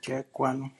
Jack one.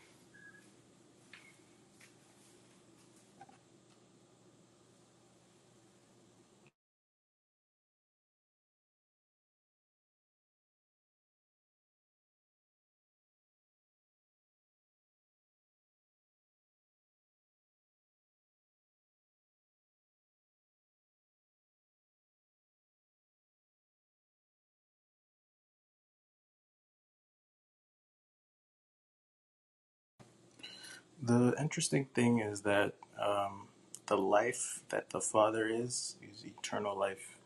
The interesting thing is that um, the life that the Father is is eternal life,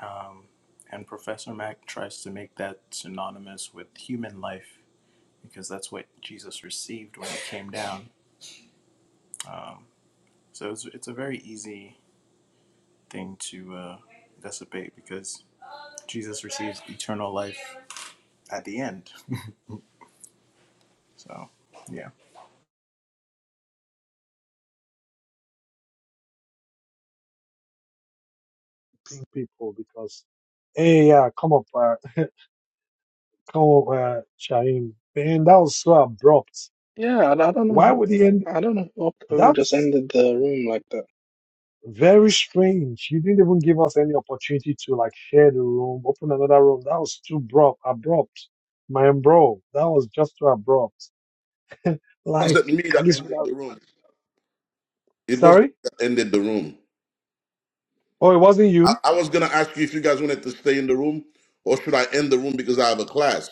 um, and Professor Mack tries to make that synonymous with human life because that's what Jesus received when he came down. Um, so it's it's a very easy thing to uh, dissipate because Jesus receives eternal life at the end. So yeah, people because hey yeah come up uh, come up uh, Shaheem man that was so abrupt Yeah, and I don't why know. would he end I don't know who, up- who just that's ended the room like that. very strange you didn't even give us any opportunity to like share the room open another room that was too abrupt abrupt man bro that was just too abrupt like wasn't me at that least ended without the room. It wasn't sorry me that ended the room. oh it wasn't I, you I was gonna ask you if you guys wanted to stay in the room or should I end the room because I have a class.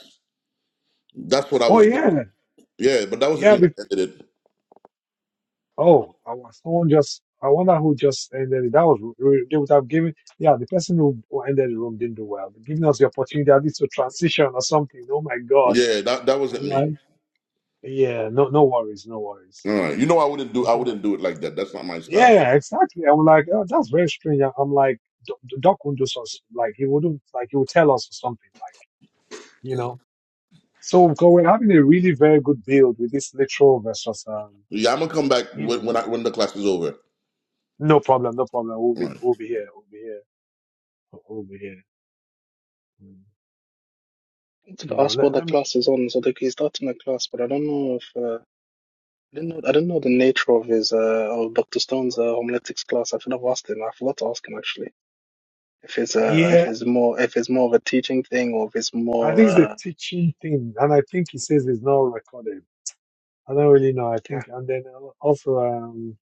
That's what I oh was going. yeah Yeah, but that wasn't yeah me that ended it. Oh, I wa- someone just. I wonder who just ended it. That was re- re- they would have given. Yeah, the person who who ended the room didn't do well. Giving us the opportunity at least to transition or something. Oh my God! Yeah, that that wasn't I'm like, me. yeah, no, no worries, no worries. All right. You know I wouldn't do You I come wouldn't do it like that. That's not my style. Yeah, exactly. I'm like, oh, that's very strange. I- I'm like, Doc Doc wouldn't do us like he wouldn't like he would tell us or something like you know. So because we're having a really very good build with this literal versus um, Yeah, I'm gonna come back you when know, when, I, when the class is over. no problem, no problem. We'll All right. be we'll be here, we'll be here, we'll be here. Mm. You To know, ask let, what the let me, class is on, so like he's starting a class, but I don't know if uh, I didn't know. I didn't know the nature of his uh, of Dr. Stone's uh, homiletics class. I should have asked him. I forgot to ask him actually. If it's uh, yeah, if it's more if it's more of a teaching thing or if it's I more think it's the uh, teaching thing. And I think he says it's not recorded. I don't really know. I okay. think, and then also, um,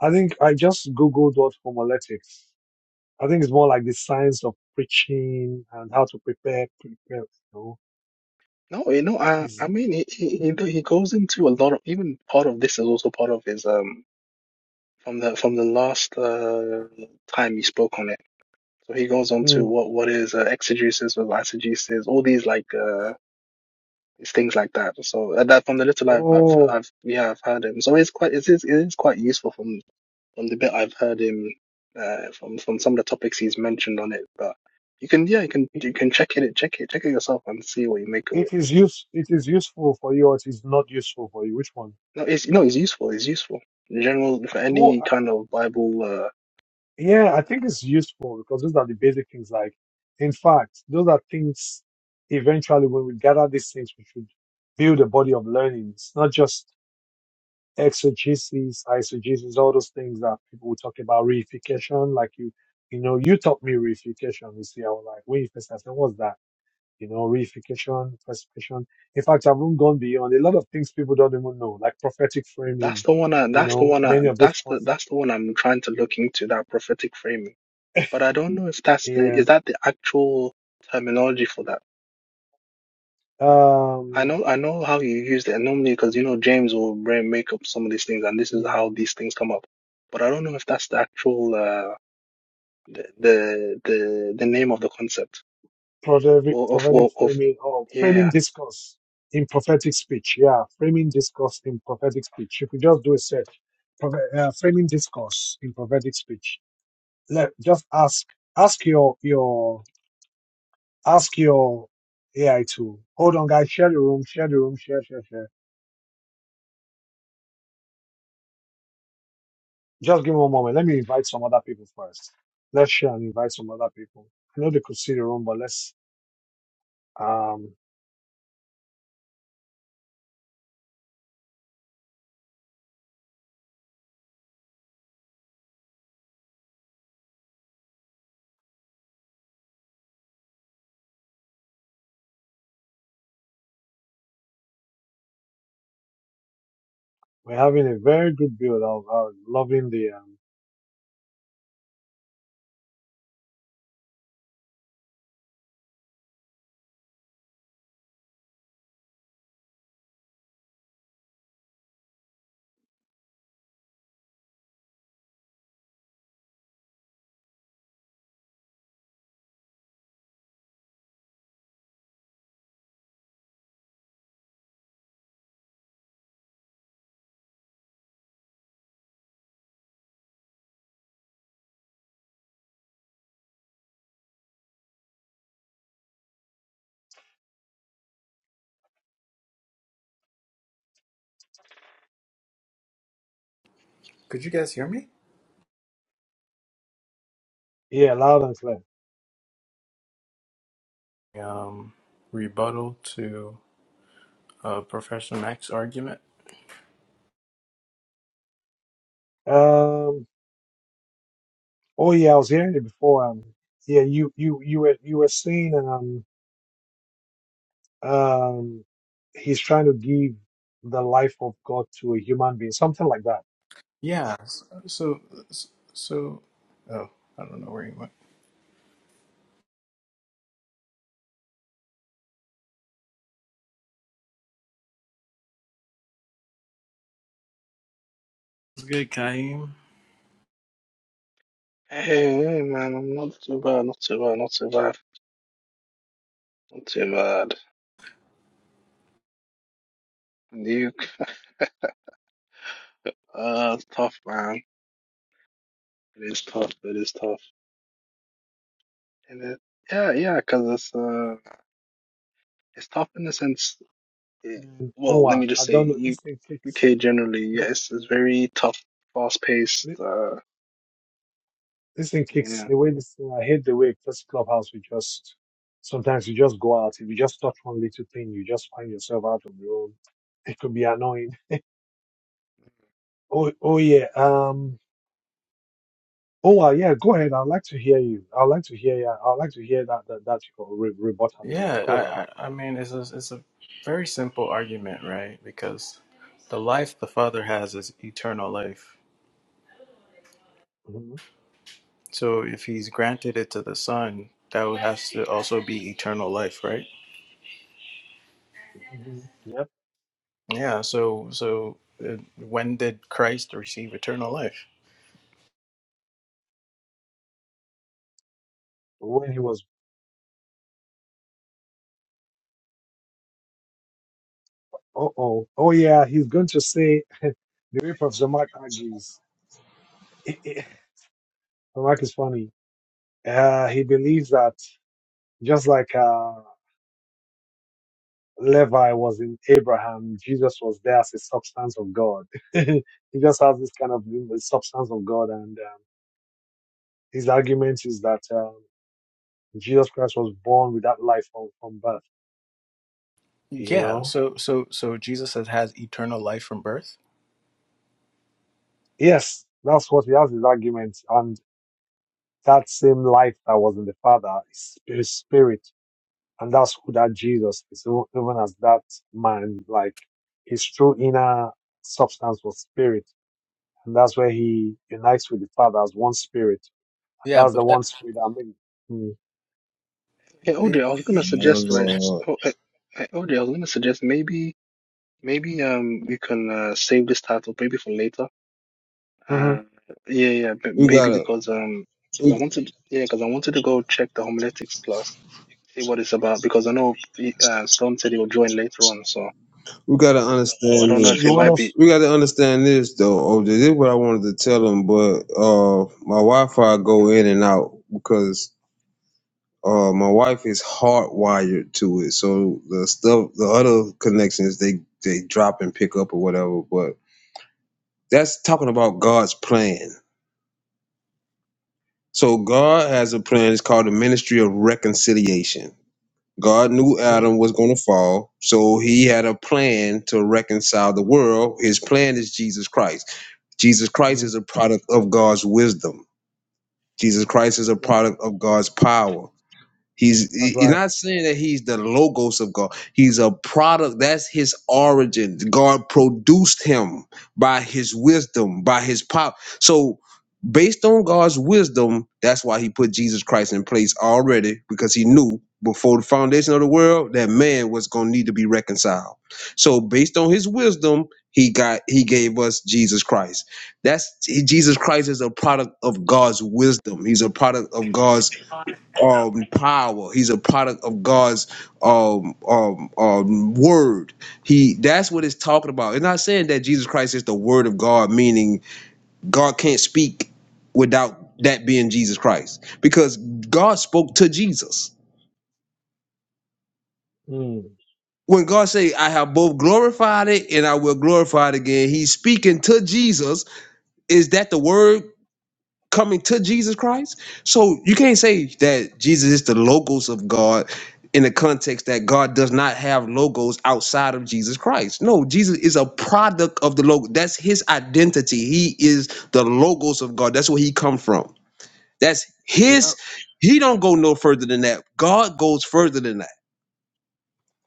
I think I just Googled what homiletics. I think it's more like the science of preaching and how to prepare, prepare, you know, No, you know, I is, I mean he, he he do- he goes into a lot of even part of this is also part of his um from the from the last uh, time he spoke on it. So he goes on to mm, what what is uh, exegesis with eisegesis, all these like uh it's things like that. So uh, that from the little I've I've oh, I've yeah I've heard him. So it's quite it is it is quite useful from from the bit I've heard him uh from from some of the topics he's mentioned on it. But you can yeah you can it, you can check it check it check it yourself and see what you make of it. it is use, it is useful for you or it is not useful for you. Which one? No, it's no, it's useful. It's useful in general for Well, any kind of Bible. Uh, Yeah, I think it's useful because those are the basic things. Like, in fact, those are things eventually when we gather these things, we should build a body of learning. It's not just exegesis, eisegesis, all those things that people will talk about. Reification, like you, you know, you taught me reification. You see, I was like, wait, first, I said, what's that? You know, reification, perspication. In fact, I've even gone beyond a lot of things people don't even know, like prophetic that's framing, the one. I, you that's the know, one. I, many of those that's the concepts. that's the one I'm trying to look into that prophetic framing but I don't know if that's the Yeah. is that the actual terminology for that. I Um, know I know how you used it and normally because you know James will bring make up some of these things and this is yeah. how these things come up. But I don't know if that's the actual uh the the the, the name of the concept prophetic, or of prophetic or of framing or framing yeah. discourse in prophetic speech. Yeah, framing discourse in prophetic speech. If you just do a search, prophe- uh, framing discourse in prophetic speech. Let just ask ask your your ask your AI tool. hold on, guys. Share the room. Share the room. Share share share. Just give me one moment. Let me invite some other people first. Let's share and invite some other people. I know they could see the room, but let's um. We're having a very good build. I'm loving the um, could you guys hear me? yeah, loud and clear. Um, rebuttal to uh, Professor Mack's argument. Um. Oh yeah, I was hearing it before. Um. Yeah, you you you were you were saying um um he's trying to give the life of God to a human being, something like that. Yeah. So, so, oh, I don't know where he went. It's good, Kaim. Hey, hey man, I'm not too bad, not too bad, not too bad, not too bad. Nuke, uh, it's tough man. It is tough. It is tough. And it, yeah, yeah, because it's uh, it's tough in the sense. Yeah. Man, oh, Well, let I me I just say, don't know. U This thing kicks. UK generally, yeah, it's it's very tough, fast-paced. Uh, This thing kicks. yeah. The way this thing, I hate the way this clubhouse. We just sometimes you just go out. If you just touch one little thing, you just find yourself out on your own. It could be annoying. Oh, oh yeah. Um. Oh, uh, yeah, go ahead. I'd like to hear you. I'd like to hear you. I'd like to hear that that, that re- rebuttal again. Yeah, Go ahead. I, I, I mean, it's a, it's a very simple argument, right? Because the life the Father has is eternal life. hmm So if He's granted it to the Son, that would have to also be eternal life, right? hmm Yep. Yeah. So, so uh, when did Christ receive eternal life? When he was, oh, oh, oh, yeah, he's going to say the way Professor Mark argues. Mark is funny. Uh, he believes that just like uh, Levi was in Abraham, Jesus was there as a substance of God. he just has this kind of substance of God, and um, his argument is that um, Jesus Christ was born with that life from, from birth you Yeah. know So, so, so Jesus has, has eternal life from birth. yes that's what he has his argument and that same life that was in the father is his spirit and that's who that jesus is So even as that man like his true inner substance was spirit and that's where he unites with the father as one spirit Yeah, that's but the that one spirit i mean mm, Hey, He, OJ, I was he, gonna he, Oh, suggest, right? s- Lord. Oh, hey, hey, OJ, I was gonna suggest maybe, maybe um, we can uh, save this title maybe for later. mhm. Uh, yeah, yeah, but We maybe gotta because um, because we, I wanted, yeah, because I wanted to go check the homiletics class, see what it's about, because I know uh, Stone said he will join later on, so we gotta so I understand don't know so if you this. it want might be. us We gotta understand this though. Oh, this is what I wanted to tell them, but uh, my Wi-Fi go in and out because uh, my wife is hardwired to it. So the stuff, the other connections, they they drop and pick up or whatever. But that's talking about God's plan. So God has a plan. It's called the Ministry of Reconciliation. God knew mm, Adam was going to fall, so he had a plan to reconcile the world. His plan is Jesus Christ. Jesus Christ mm, is a product of God's wisdom. Jesus Christ is a that- product of God's power. He's that's he's right not saying that he's the logos of God. He's a product. That's his origin. God produced him by his wisdom, by his power. So based on God's wisdom, that's why he put Jesus Christ in place already, because he knew before the foundation of the world that man was gonna need to be reconciled. So based on his wisdom, he got he gave us Jesus Christ. That's Jesus Christ is a product of God's wisdom. He's a product of God's um power he's a product of god's um um um word he that's what it's talking about it's not saying that jesus christ is the word of god meaning god can't speak without that being jesus christ because god spoke to jesus mm, when god say i have both glorified it and i will glorify it again he's speaking to jesus is that the word coming to Jesus Christ. So you can't say that Jesus is the logos of God in the context that God does not have logos outside of Jesus Christ. No, Jesus is a product of the logo. That's his identity. He is the logos of God. That's where he come from. That's yeah his he don't go no further than that. God goes further than that.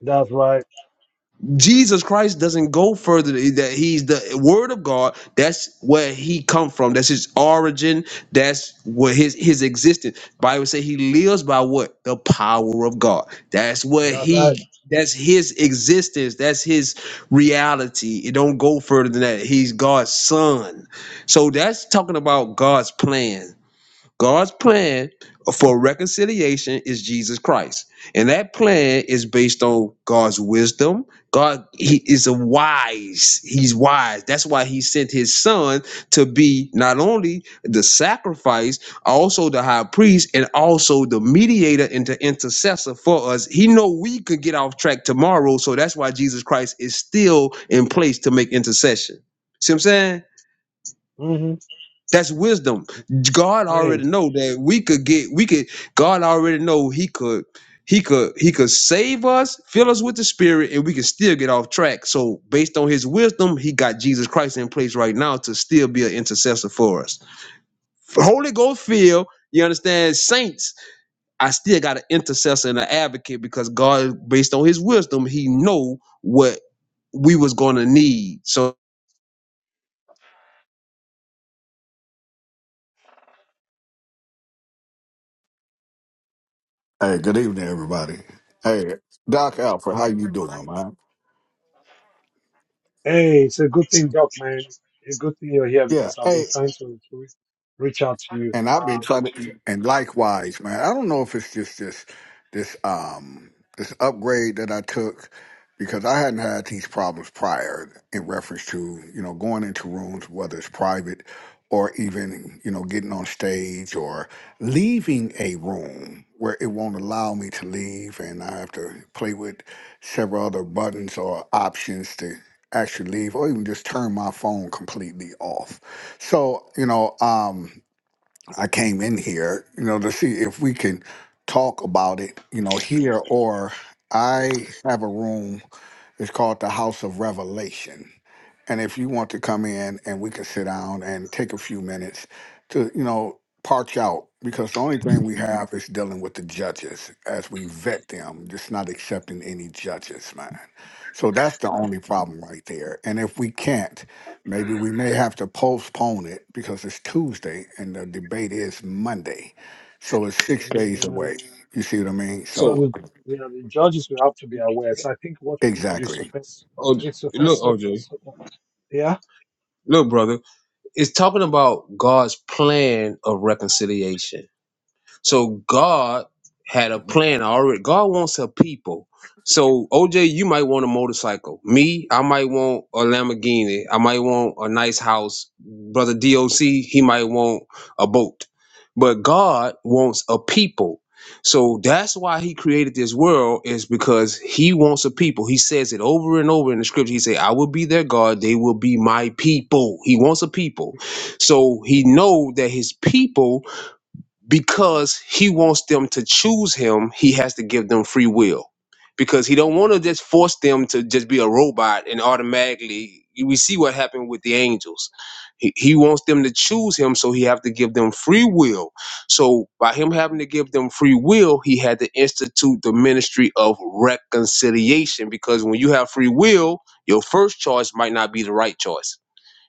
that's right Jesus Christ doesn't go further than that he's the word of God. That's where he come from. That's his origin. That's where his his existence. Bible say he lives by what? The power of God. That's where that's right he that's his existence. That's his reality. It don't go further than that. He's God's son. So that's talking about God's plan. God's plan for reconciliation is Jesus Christ. And that plan is based on God's wisdom. God he is a wise. He's wise. That's why he sent his son to be not only the sacrifice, also the high priest and also the mediator and the intercessor for us. He know we could get off track tomorrow, so that's why Jesus Christ is still in place to make intercession. See what I'm saying? hmm That's wisdom. God already know that we could get we could God already know he could he could he could save us, fill us with the spirit, and we could still get off track. So based on his wisdom, he got Jesus Christ in place right now to still be an intercessor for us. Holy Ghost filled, you understand, saints, I still got an intercessor and an advocate because God, based on his wisdom, he know what we was gonna need. So, Hey, good evening, everybody. Hey, Doc Alfred, how you doing, man? Hey, it's a good thing, Doc, man. It's a good thing you're here Yeah, because I've hey, been trying to, to re- reach out to you. And I've been Um, trying j- to, and likewise, man. I don't know if it's just this, this, um, this upgrade that I took because I hadn't had these problems prior in reference to, you know, going into rooms, whether it's private or even, you know, getting on stage or leaving a room where it won't allow me to leave. And I have to play with several other buttons or options to actually leave or even just turn my phone completely off. So, you know, um, I came in here, you know, to see if we can talk about it, you know, here or I have a room. It's called the House of Revelation. And if you want to come in and we can sit down and take a few minutes to, you know, parch out, because the only thing we have is dealing with the judges as we vet them, just not accepting any judges, man. So that's the only problem right there. And if we can't, maybe we may have to postpone it because it's Tuesday and the debate is Monday. So it's six days yeah, away. You see what I mean? because so So, the, you know the judges will have to be aware. So I think what we need to do is exactly. suppress, oh, it's suppress, look, sort- OJ, sort of- yeah. look, brother. It's talking about God's plan of reconciliation. So God had a plan already. God wants a people. So OJ, you might want a motorcycle. Me, I might want a Lamborghini. I might want a nice house. Brother DOC, he might want a boat. But God wants a people. So that's why he created this world is because he wants a people. He says it over and over in the scripture. He say, "I will be their God; they will be my people." He wants a people. So he know that his people because he wants them to choose him he has to give them free will because he don't want to just force them to just be a robot and automatically we see what happened with the angels he, he wants them to choose him so he have to give them free will so by him having to give them free will he had to institute the ministry of reconciliation because when you have free will your first choice might not be the right choice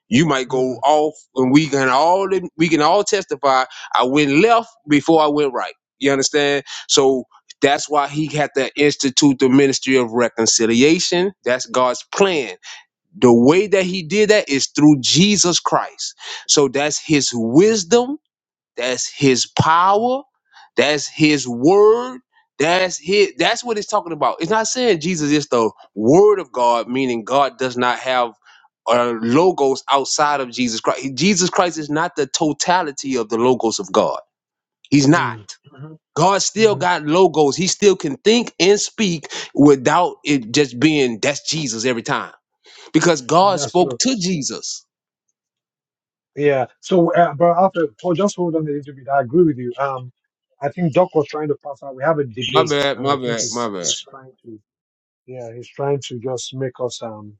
you might go Mm, off, and we can all we can all testify. I went left before I went right. You understand? So that's why he had to institute the ministry of reconciliation. That's God's plan. The way that he did that is through Jesus Christ. So that's his wisdom that's his power. That's his word. That's his that's what it's talking about. It's not saying Jesus is the word of God, meaning God does not have uh, logos outside of Jesus Christ. Jesus Christ is not the totality of the logos of God. He's not. mm, hmm God still hmm got logos. He still can think and speak without it just being that's Jesus every time. Because God That's spoke true. to Jesus. Yeah. So, uh, but after, oh, just hold on a little bit. I agree with you. Um, I think Doc was trying to pass out. We have a My debate, bad, and my I think bad, my he's bad. he's trying to, yeah, he's trying to just make us um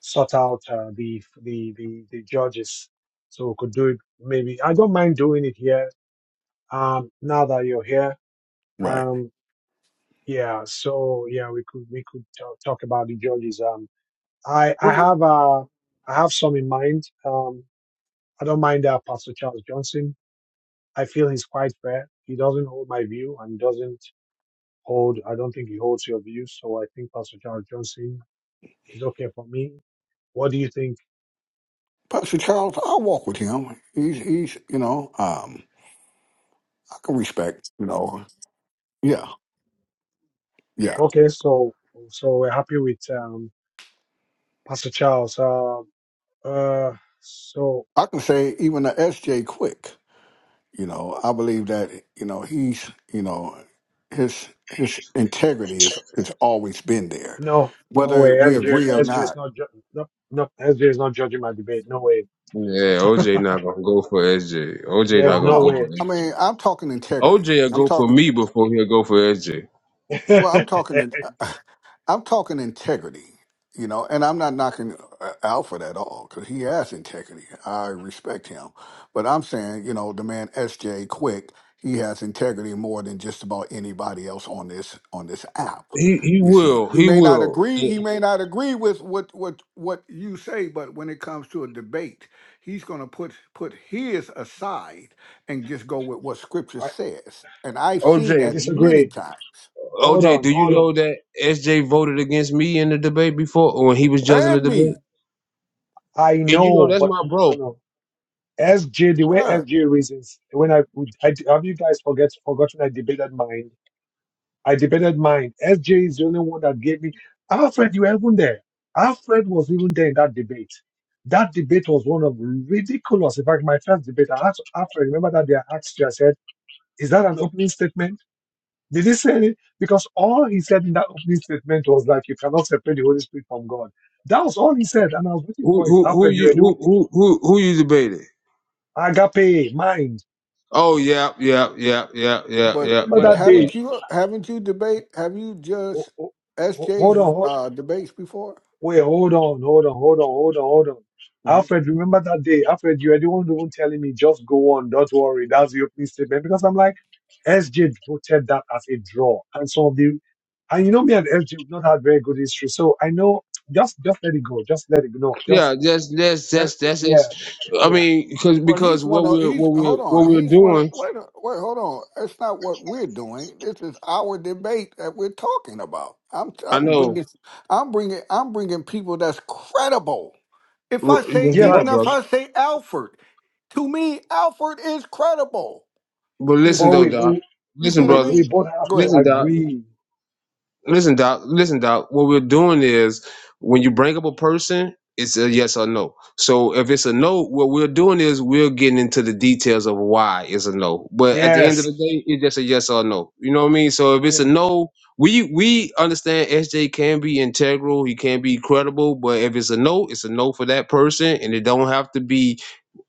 sort out uh, the, the the the judges, so we could do it. Maybe I don't mind doing it here. Um, now that you're here, Right. um, yeah. So yeah, we could we could talk, talk about the judges. Um, I I have uh I have some in mind. Um, I don't mind uh, Pastor Charles Johnson. I feel he's quite fair. He doesn't hold my view and doesn't hold. I don't think he holds your view. So I think Pastor Charles Johnson is okay for me. What do you think? Pastor Charles, I walk with him. He's he's you know um I can respect you know yeah yeah Okay, so so we're happy with um Pastor Charles. Um, uh, so I can say even the S.J. Quick you know I believe that you know he's you know his his integrity is has always been there, no, no way. whether we SJ, agree or SJ is not. not, ju- no, no, SJ is not judging my debate. No way. Yeah, OJ not gonna go for SJ. OJ not There's No, gonna no go no, for way. I SJ. mean I'm talking integrity. OJ will I'm go for talking me before he'll go for SJ. well I, I'm talking. I'm talking integrity, you know, and I'm not knocking uh, Alfred at all because he has integrity. I respect him. But I'm saying, you know, the man SJ Quick, he has integrity more than just about anybody else on this on this app. He he You see, will. he He may not will. agree. He Eh, may not agree with what what what you say, but when it comes to a debate, he's going to put put his aside and just go with what Scripture I says. And I've seen OJ, that many disagree. times, Hold OJ, on, do hold you on. know that SJ voted against me in the debate before when he was judging the and me. debate? I And you know know, that's but my no, no, bro. no. SJ, the way SJ reasons, when I, would- I have you guys forget forgotten I debated mine. I debated mine. SJ is the only one that gave me. Alfred, you were even there. Alfred was even there in that debate. That debate was one of ridiculous. In fact, my first debate, I asked Alfred, remember that day I asked you, I said, is that an opening statement? Did he say it? Because all he said in that opening statement was like, you cannot separate the Holy Spirit from God. That was all he said. And I was waiting Who for it. who who Alfred, you you were doing who who who, who you debated? agape, mind. Oh yeah, yeah, yeah, yeah, yeah, But yeah, Remember but yeah, that yeah. day? haven't you haven't you debate have you Oh, judged oh, oh, hold SJ's on. uh, debates before? Wait, hold on, hold on, hold on, hold on, hold on. hmm Alfred, remember that day? Alfred, you were the one who was telling me just go on, don't worry. That's the opening statement because I'm like SJ voted that as a draw, and some of the and you know me and SJ we've not had very good history, so I know just just let it go, just let it go, no, just Yeah, that's that's eh, eh, that's that's, yeah, that's I yeah, mean, because Well, he's because one what of we're he's what we're hold what on we're he's one of, doing, wait a- wait hold on that's not what we're doing. This is our debate that we're talking about. I'm I I'm know bringing I'm bringing I'm bringing people that's credible. If I R- say That's yeah. But even right, if brother. I say Alfred, to me Alfred is credible. But You listen but see though, we Doc. we you Listen, see what I we, brother. we mean? both have Go to ahead. Listen, Doc. agree. Listen, Doc. Listen, Doc. What we're doing is when you bring up a person, it's a yes or no. So if it's a no, what we're doing is we're getting into the details of why it's a no. But at the end of Yes, the day, it's just a yes or no. You know what I mean? So if it's yeah, a no, we we understand SJ can be integral, he can be credible, but if it's a no, it's a no for that person, and it don't have to be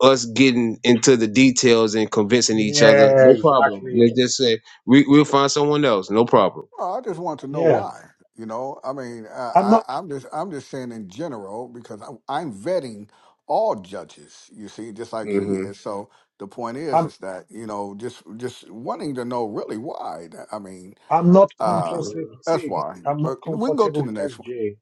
us getting into the details and convincing each other. yeah, No problem. exactly. Let's just say we, we'll find someone else. No problem. Oh, I just want to know Yeah, why. You know, I mean, I, I'm I, not. I'm just I'm just saying in general because I'm, I'm vetting all judges. You see, just like he Mm-hmm. is. So the point is, is that you know, just just wanting to know really why. That- I mean, I'm not comfortable. uh, Mm-hmm. that's See, why. I'm not But we can go comfortable to the with next one. SJ.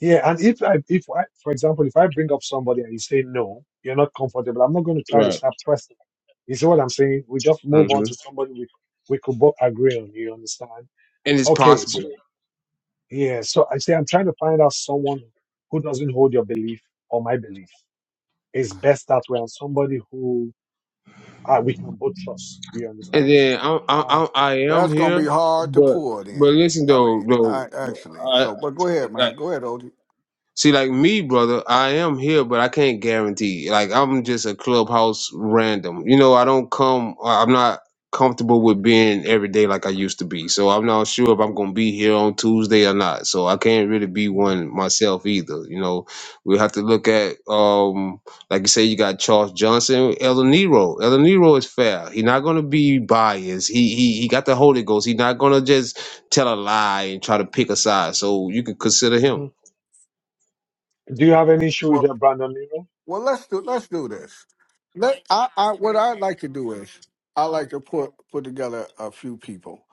Yeah, and if I, if I, for example, if I bring up somebody and you say no, you're not comfortable. I'm not going to try to Right. start pressing. You see what I'm saying? We just hmm move on to And somebody we we could both agree on. You understand? it's Okay, so possible. yeah, so I say I'm trying to find out someone who doesn't hold your belief or my belief. It's best that way, and somebody who uh, we can both trust. You And understand? then i i Um, I'm, I am That's gonna here, be hard to but pull it but in. listen I though mean, though, I actually. I. So, but go ahead, I man. Go ahead, OG. See, like me, brother, I am here, but I can't guarantee. Like I'm just a clubhouse random. You know, I don't come. I- I'm not comfortable with being every day like I used to be. So I'm not sure if I'm gonna be here on Tuesday or not. So I can't really be one myself either. You know, we have to look at um, like you say, you got Charles Johnson, El Nero. El Nero is fair. He's not gonna be biased. He he he got the Holy Ghost. He's not gonna just tell a lie and try to pick a side. So you can consider him. mhm. Do you have any issue with that, Brandon? Well, let's do let's do this. Let I, I what I'd like to do is I like to put put together a few people,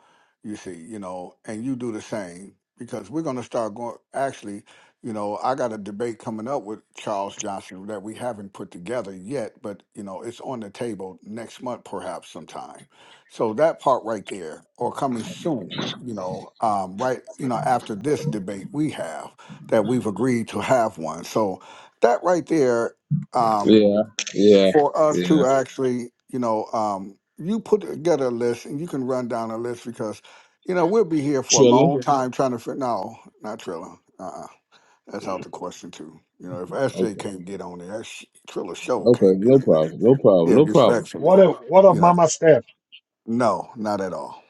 you see, you know, and you do the same because we're going to start going. Actually, you know, I got a debate coming up with Charles Johnson that we haven't put together yet, but you know, it's on the table next month, perhaps sometime. So that part right there, or coming soon, you know, um, right, you know, after this debate we have that we've agreed to have one. So that right there um, Yeah, yeah, for us yeah. to actually, you know, um, you put together a list and you can run down a list because, you know, we'll be here for a Triller. long time trying to fit. No, not Trilla. Uh-uh. That's out the question too. You know, if SJ Okay, can't get on there, sh- Trilla Show okay. can't get No on there. problem. No problem. Yeah, No problem. respectfully. What of what of You know, Mama Steph? no, not at all.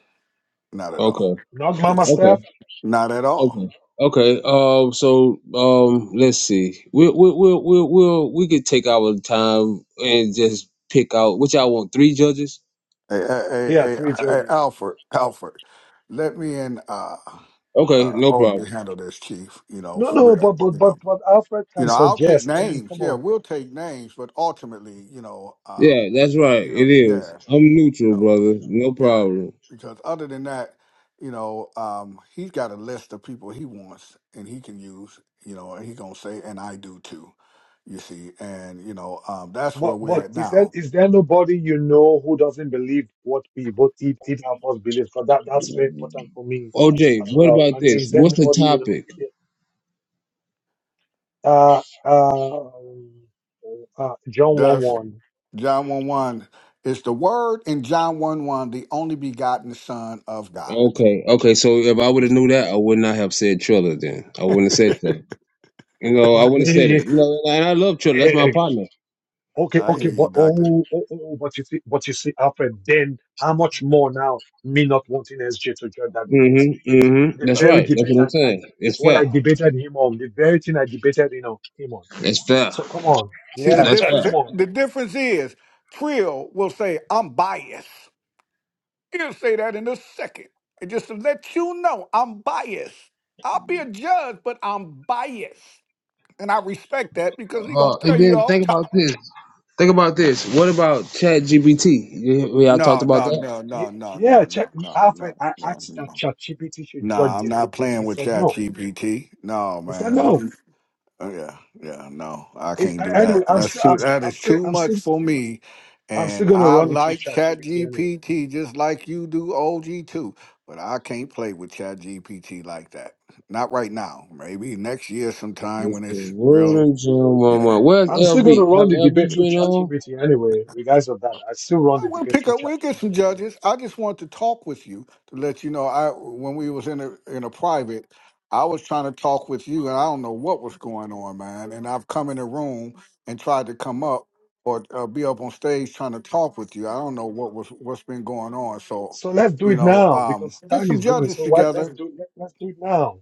Not at all. Okay, Not Mama Yes. Steph? okay, Not at okay, all. okay. Um, so um, let's see. We'll we'll we'll we'll, we'll we could take our time and just pick out which I want. Three judges. Hey, hey, hey, Yeah, hey, three hey, judges. Alfred, Alfred, let me in. Uh, Okay, uh, no oh, you problem. handle this, Chief. You know, No, for no, but real. but You know, but but Alfred you can know, I'll take suggest. I mean, names. come Yeah, on. we'll take names, but ultimately, you know, Yeah, um, that's right. you know, It is. yeah, I'm you neutral, know, brother. No yeah, problem. because other than that, you know, um, he's got a list of people he wants and he can use. You know, and he gonna say, and I do too. You see, and you know, um, that's where But we're but at is there now. is there nobody you know who doesn't believe what we both eat eat our first beliefs? Because that, that's very important for me OJ, as what well. about I mean, this? is there What's the nobody you know? topic? Yeah. Uh uh, uh John Does one John one one is the word in John one one the only begotten Son of God? Okay, okay. So if I would have knew that, I would not have said Triller. Then I wouldn't have said Triller. You know, I wouldn't have said one. it. You know, and I love Triller. That's my partner. Okay, I okay, hear you, but Doctor. oh, oh, oh, oh, but you see, but you see, Alfred, then how much more now me not wanting SJ to join that debate? Mm-hmm. Mm-hmm. The Right. That's very right. That's debate what I'm I, I saying. It's what fair. I debated him on, the very thing I debated you know, him on. It's fair. So come on, See the yeah, That's fair. difference. come on, The difference is Trill will say, "I'm biased." He'll say that in a second, and just to let you know, I'm biased. I'll be a judge, but I'm biased, and I respect that because he gonna Uh, and tell you then off think about top. this. Think about this. What about Chat GBT? You, we all talked No, about no, that. no, no, Ye- no, yeah. no, Check, no, we, no, no, Alfred, I no, asked that no. ChatGPT should judge Nah, I'm this not debate. playing He with said Chat no. GPT. No, He said man, we no. can Oh yeah, yeah. No, I It's, can't I- do anyway, that. I'm That's still, too. I'm, That I'm is still, too I'm much still, for me. I'm still And gonna I run it through like ChatGPT anyway. ChatGPT just like you do OG too, but I can't play with ChatGPT like that. Not right now. Maybe next year sometime It's when the it's word real. and Jeremiah. Yeah. Where's I'm still LV? going to run the Have debate LV through been on? ChatGPT anyway, regardless of that. I still run Oh, the We'll debate pick through up. We'll get ChatGPT. some I mean, judges. I just want to talk with you to let you know. I when we was in a in a private, I was trying to talk with you, and I don't know what was going on, man. And I've come in the room and tried to come up or uh, be up on stage trying to talk with you. I don't know what was what's been going on. So, so let's do you it know, now um, because get time some is going. judges So why let's together. do let, let's do it now.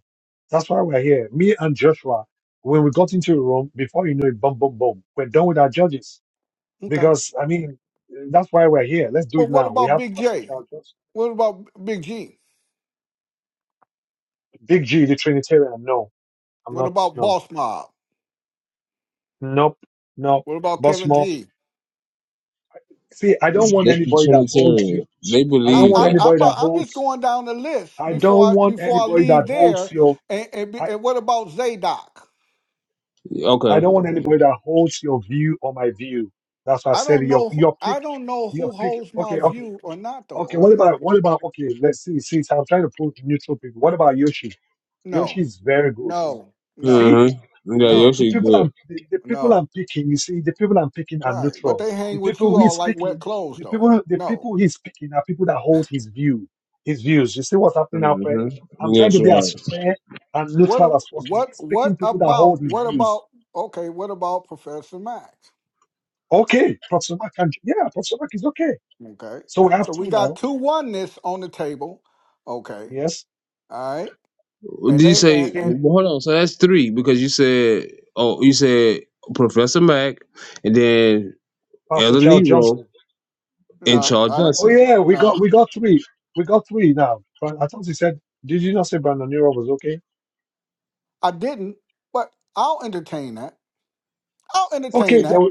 That's why we're here. Me and Joshua, when we got into the room, before you know it, boom, boom, boom, we're done with our judges Okay. because I mean, that's why we're here. Let's do Well, it what now. We about have Big Pastor J? Charles, Johnson. What about Big G? Big G, the Trinitarian. No, I'm What not. about No, Boss Mob? nope, nope. What about Boss Kevin Mob. G? See, I don't want That's the anybody that holds you. Trinitarian. They I I, don't believe want I'm that. I'm, anybody that about, I'm just holds. going down the list I before don't I want before I anybody that leave holds there. your And, and be- I, and what about Zadok? I Okay. don't want anybody that holds your view or my view. That's why I I said don't your know who your pick I don't know your who pick holds my okay, okay, view or not though. okay. OG, What about what about okay, let's see, see so I'm trying to put neutral people. What about Yoshi? Yoshi no, is very good. He's, no, you see? no, Mm-hmm. Yeah, the, no, the Yoshi's people good. I'm the, the people no. I'm picking, you see, the people I'm picking are Right, but neutral. they The hang with people you who all he's like wet picking, clothes the though. people the No. people he's picking are people that hold his view, his views. You see what's happening now, Fred? hmm I'm trying That's to be as right. fair and What a- neutral as possible. what He's picking what people that about hold his what about views. okay? What about Professor Max? Okay, Professor Mark can yeah, Professor Mark is okay. Okay, So we have so two we got now. two oneness on the table. Okay, Yes. all right Did and you they and, say? and, Seeing well, Hold on. So that's three because you said. Oh, you said Professor Mack, and then Pastor Elder Charles Nero Johnson. and No, Charles I Oh Johnson. yeah, we got no, we got three. We got three now. But I thought he said, did you not say Brandon Nero was okay? I didn't. But I'll entertain that. I'll entertain Okay, then that. we,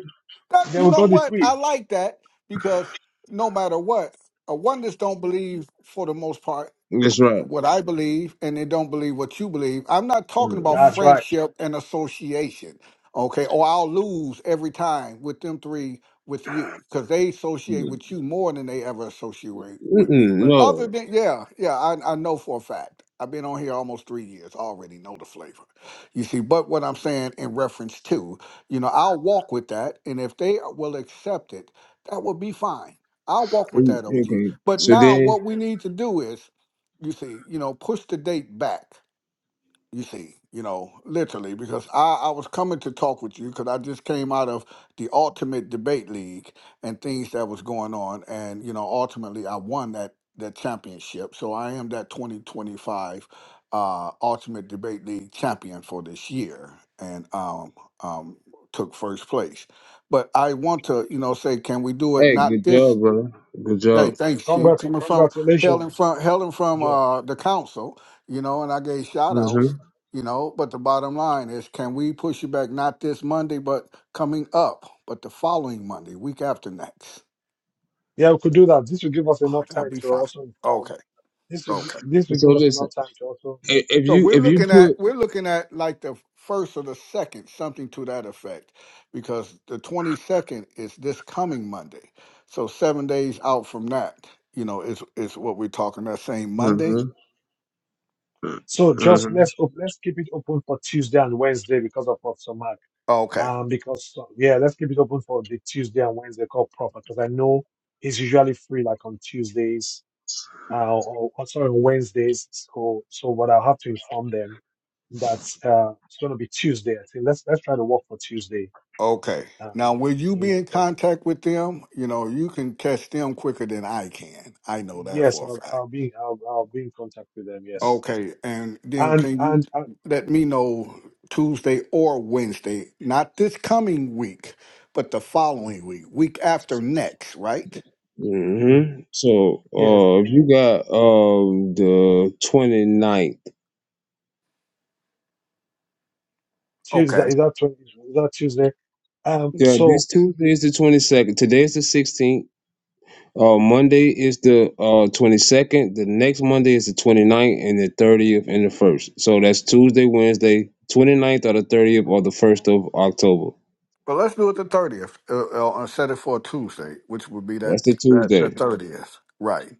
That then you we know got the what? three. I like that because no matter what, a oneness don't believe for the most part That's right. what I believe and they don't believe what you believe. I'm not talking about That's Mm-mm. right. friendship and association, okay? Or I'll lose every time with them three with you because they associate Mm-mm, with you more than they ever associate with me. Mm-mm, But other no. than, yeah, yeah, I, I know for a fact. I've been on here almost three years. I already know the flavor. You see, but what I'm saying in reference to, you know, I'll walk with that. And if they will accept it, that will be fine. I'll walk with Mm, that, OG. Okay. But So now then, what we need to do is you see, you know, push the date back. You see, you know, literally, because I, I was coming to talk with you because I just came out of the Ultimate Debate League and things that was going on, and you know, ultimately, I won that that championship. So I am that 2025 uh, Ultimate Debate League champion for this year, and um, um, took first place. But I want to, you know, say, can we do it hey, not good this job, brother. Good Hey, job. thanks, Chief. Congrats, Coming from hailing congratulations, from hailing from Joe. uh the council, you know, and I gave shout outs, hmm you know, but the bottom line is can we push you back not this Monday, but coming up, but the following Monday, week after next. Yeah, we could do that. This will give us Oh, enough that'll time be to fine. also Okay, inform. This will gi- okay. this will So give us listen, enough time to also. i- if So you we're if you looking at put. we're looking at like the first or the second, something to that effect, because the twenty second is this coming Monday. So seven days out from that, you know, is is what we're talking that same Monday. hmm So just let's op- let's keep it open for Tuesday and Wednesday because of Professor Mark. Okay. Um, because uh, yeah, let's keep it open for the Tuesday and Wednesday call proper because I know he's usually free like on Tuesdays. Uh, or, or sorry, on Wednesdays. So so what I'll have to inform them that uh it's going to be Tuesday. I think let's let's try to work for Tuesday. Okay. Um, Now, will you you be in know, contact with them, you know, you can catch them quicker than I can. I know that Yes, for a I'll, fact. I'll be I'll, I'll be in contact with them. Yes, Okay. And then and can you and uh, let me know Tuesday or Wednesday, not this coming week, but the mm, following week, week after next, right? hmm mm, So, yes, uh, if you got um the 29th. Tuesday Okay. is that twen- is that Tuesday? Um, Yeah, so this Tuesday is the twenty second. Today is the sixteenth. Uh, Monday is the uh twenty second. The next Monday is the 29th and the thirtieth and the first. So that's Tuesday, Wednesday, 29th or the thirtieth or the first of October. But let's do it the 30th uh, uh, and set it for Tuesday, which would be That's that, the that, that Tuesday. 30th. Right.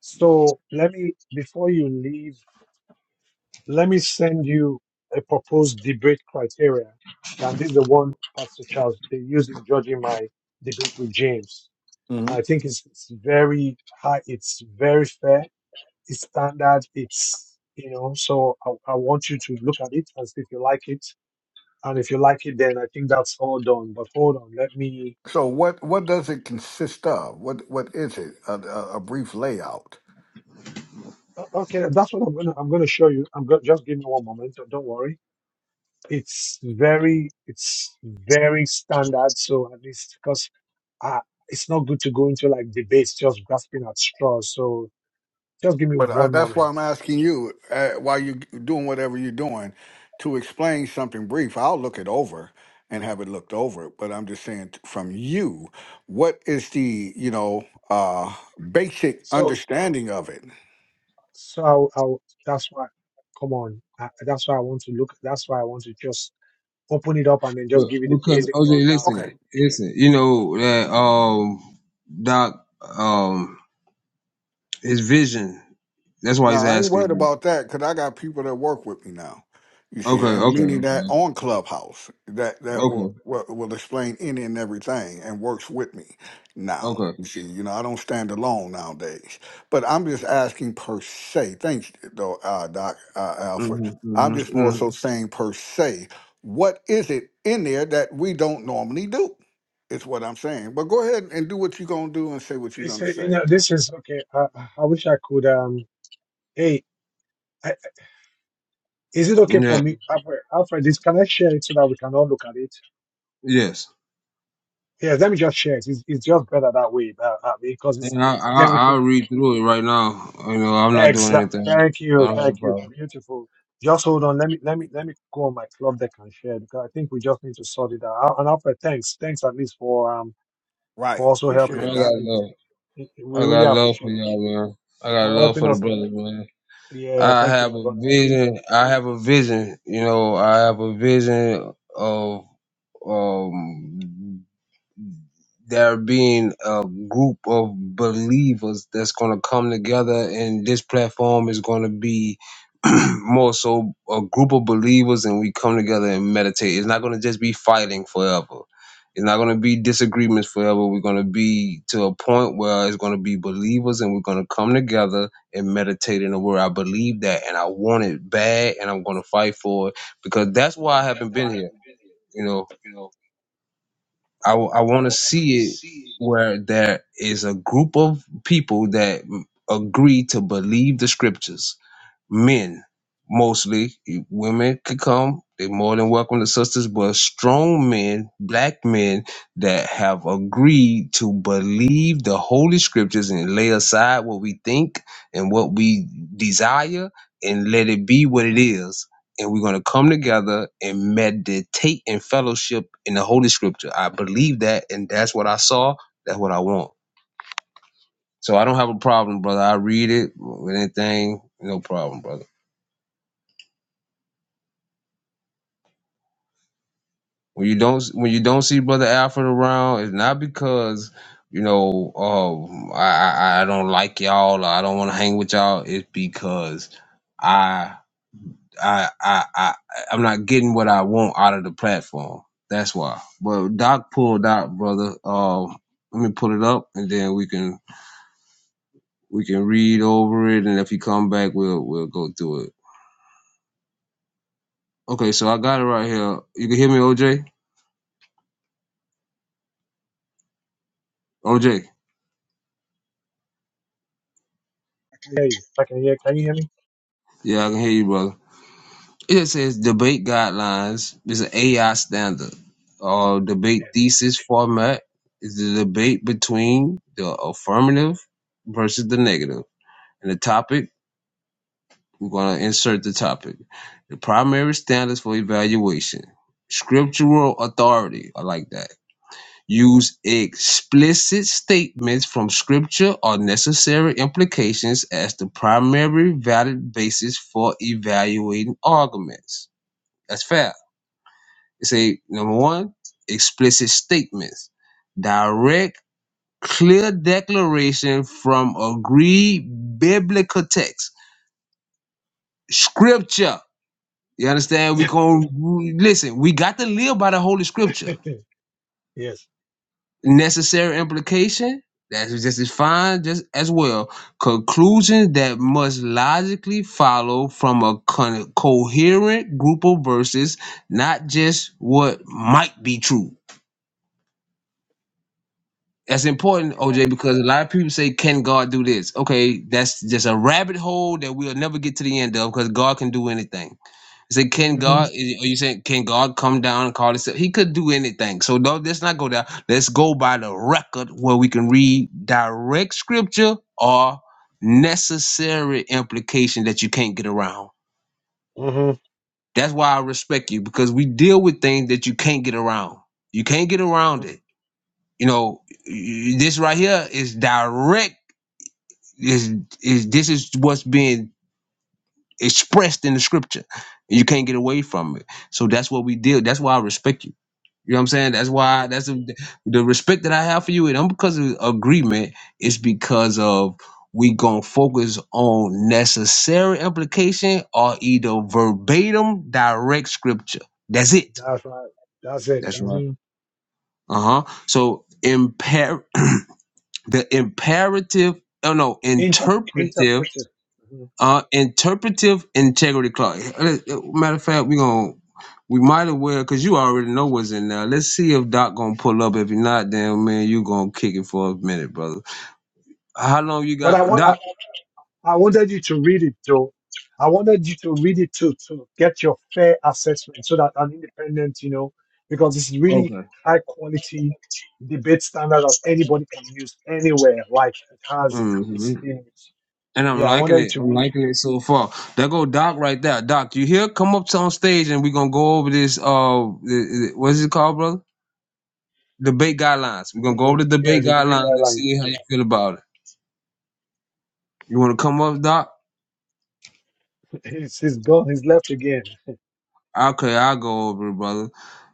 so let me before you leave, let me send you a proposed debate criteria. Now this is the one Pastor Charles they used in judging my debate with James. hmm I think it's, it's very high. It's very fair. It's standard. It's you know. So I, I want you to look at it and see if you like it and if you like it then i think that's all done but hold on let me So what what does it consist of? What what is it? A, a, a brief layout. o- okay that's what i'm gonna i'm gonna show you i'm gonna just give me one moment don't don't worry it's very it's very standard so at least because uh, it's not good to go into like debates just grasping at straws so just give me But uh, one that's why moment I'm asking you uh, while you're doing whatever you're doing to explain something brief. I'll look it over and have it looked over. But I'm just saying t- from you, what is the you know uh, basic so understanding of it? so i'll, I'll that's why come on I, that's why i want to look that's why i want to just open it up and then just But give you the because basic OJ, rundown of it listen, listen, you know that um Doc um his vision. That's why No, he's I ain't asking worried you. about that because I got people that work with me now. You Okay, see, and okay, meaning that okay, on Clubhouse that that okay, will okay. will, will explain any and everything and works with me now. okay. You see, you know, I don't stand alone nowadays. But I'm just asking per se. Thanks, though, uh, Doc uh, Alfred. Mm-hmm, I'm just mm-hmm, more so mm-hmm. saying per se. What is it in there that we don't normally do? Is what I'm saying. But go ahead and do what you're gonna do and say what you're It's, uh, gonna you say. know, this is okay. I, I I wish I could. Um, hey, I, is it okay for Yeah. me, Alfred? Alfred, this, can I share it so that we can all look at it? Yes. Yes, let me just share it. It's, it's just better that way uh, uh, because it's And I, I, then we could. I'll read through it right now. You know, I'm not doing Exact. anything. Thank you. I don't have Thank a you. problem. Beautiful. Just hold on. Let me let me let me go on my club deck and share because I think we just need to sort it out. And Alfred, thanks. Thanks at least for um Right. for also Appreciate Man, helping I it, Doc. us got in this. love. I We really got love appreciate for it y'all, man. I got for love helping for the us in this. brothers, man. Yeah, I thank you, have my a brother. I really vision. I have a vision. You know, I have a vision of um there being a group of believers that's going to come together and this platform is going to be more so a group of believers and we come together and meditate it's not going to just be fighting forever it's not going to be disagreements forever we're going to be to a point where it's going to be believers and we're going to come together and meditate in the word i believe that and i want it bad and i'm going to fight for it because that's why i haven't been here you know I, I want to see it where there is a group of people that agree to believe the scriptures men mostly. e, Women could come; they more than welcome the sisters, but strong men, black men that have agreed to believe the holy scriptures and lay aside what we think and what we desire and let it be what it is. And we're gonna come together and meditate and fellowship in the holy scripture. I believe that, and that's what I saw. That's what I want. So I don't have a problem, brother. I read it with anything, no problem, brother. when you don't when you don't see brother Alfred around, it's not because you know uh, I, I I don't like y'all or I don't want to hang with y'all. It's because I I I I I'm not getting what I want out of the platform. That's why. But Doc pulled out, brother. Um, let me pull it up and then we can we can read over it and if you come back we'll we'll go through it. Okay, so I got it right here. You can hear me, OJ? OJ. I hear you. I can hear. Can you hear me? Yeah, I can hear you, brother. It says debate guidelines is an AI standard. Uh, debate Yeah. thesis format is the debate between the affirmative versus the negative. And the topic, we're going to insert the topic. The primary standards for evaluation. Scriptural authority, I like that. Use explicit statements from scripture or necessary implications as the primary valid basis for evaluating arguments. That's fair. It say number one, explicit statements, direct, clear declaration from agreed biblical text, scripture. You understand? We gonna listen. We got to live by the Holy Scripture. yes, Necessary implication. That's just as fine, just as well. Conclusions that must logically follow from a con- coherent group of verses, not just what might be true. That's important, that's right. OJ, because a lot of people say, "Can God do this?" Okay, that's just a rabbit hole that we'll never get to the end of because God can do anything. You say, "Can Mm-hmm. God?" Are you saying, "Can God come down and call himself?" He could do anything. So no, let's not go there. Let's go by the record where we can read direct scripture or necessary implication that you can't get around. Mm-hmm. That's why I respect you because we deal with things that you can't get around. You can't get around it. You know, y- y- this right here is direct is is this is what's being expressed in the scripture. you can't get away from it. So that's what we deal. That's why I respect you. You know what I'm saying? That's hmm why that's a, the respect that I have for you. It ain't because of agreement. It's because of we gonna focus on necessary implication or either verbatim direct scripture. That's it. That's right. That's it. That's right. hmm Uh huh. So impair the imperative. Oh no, Inter- interpretive interpretive. hmm Uh, interpretive integrity clause. Uh, uh, Matter of fact, we gonna we might as well because you already know what's in there. Let's see if Doc gonna pull up. If he not, then man, you gonna kick it for a minute, brother. How long you But I got, want I, Doc? I wanted you to read it though. I wanted you to read it too to get your fair assessment so that an independent, you know, because this is really Okay. high quality debate standard that anybody can use anywhere. Like it has hmm this thing. And I'm Yeah, I liking wanted you it. to I'm read it. liking it so far. There go Doc right there. Doc, you here? Come up to on stage and we gonna go over this. Uh, th- th- what is it called, brother? Debate guidelines. We're The gonna go over debate. the Yeah, debate the debate guidelines and guideline. see how Yeah. you feel about it. You wanna come up, Doc? He's, he's gone. He's left again. Okay, I'll go over it, brother.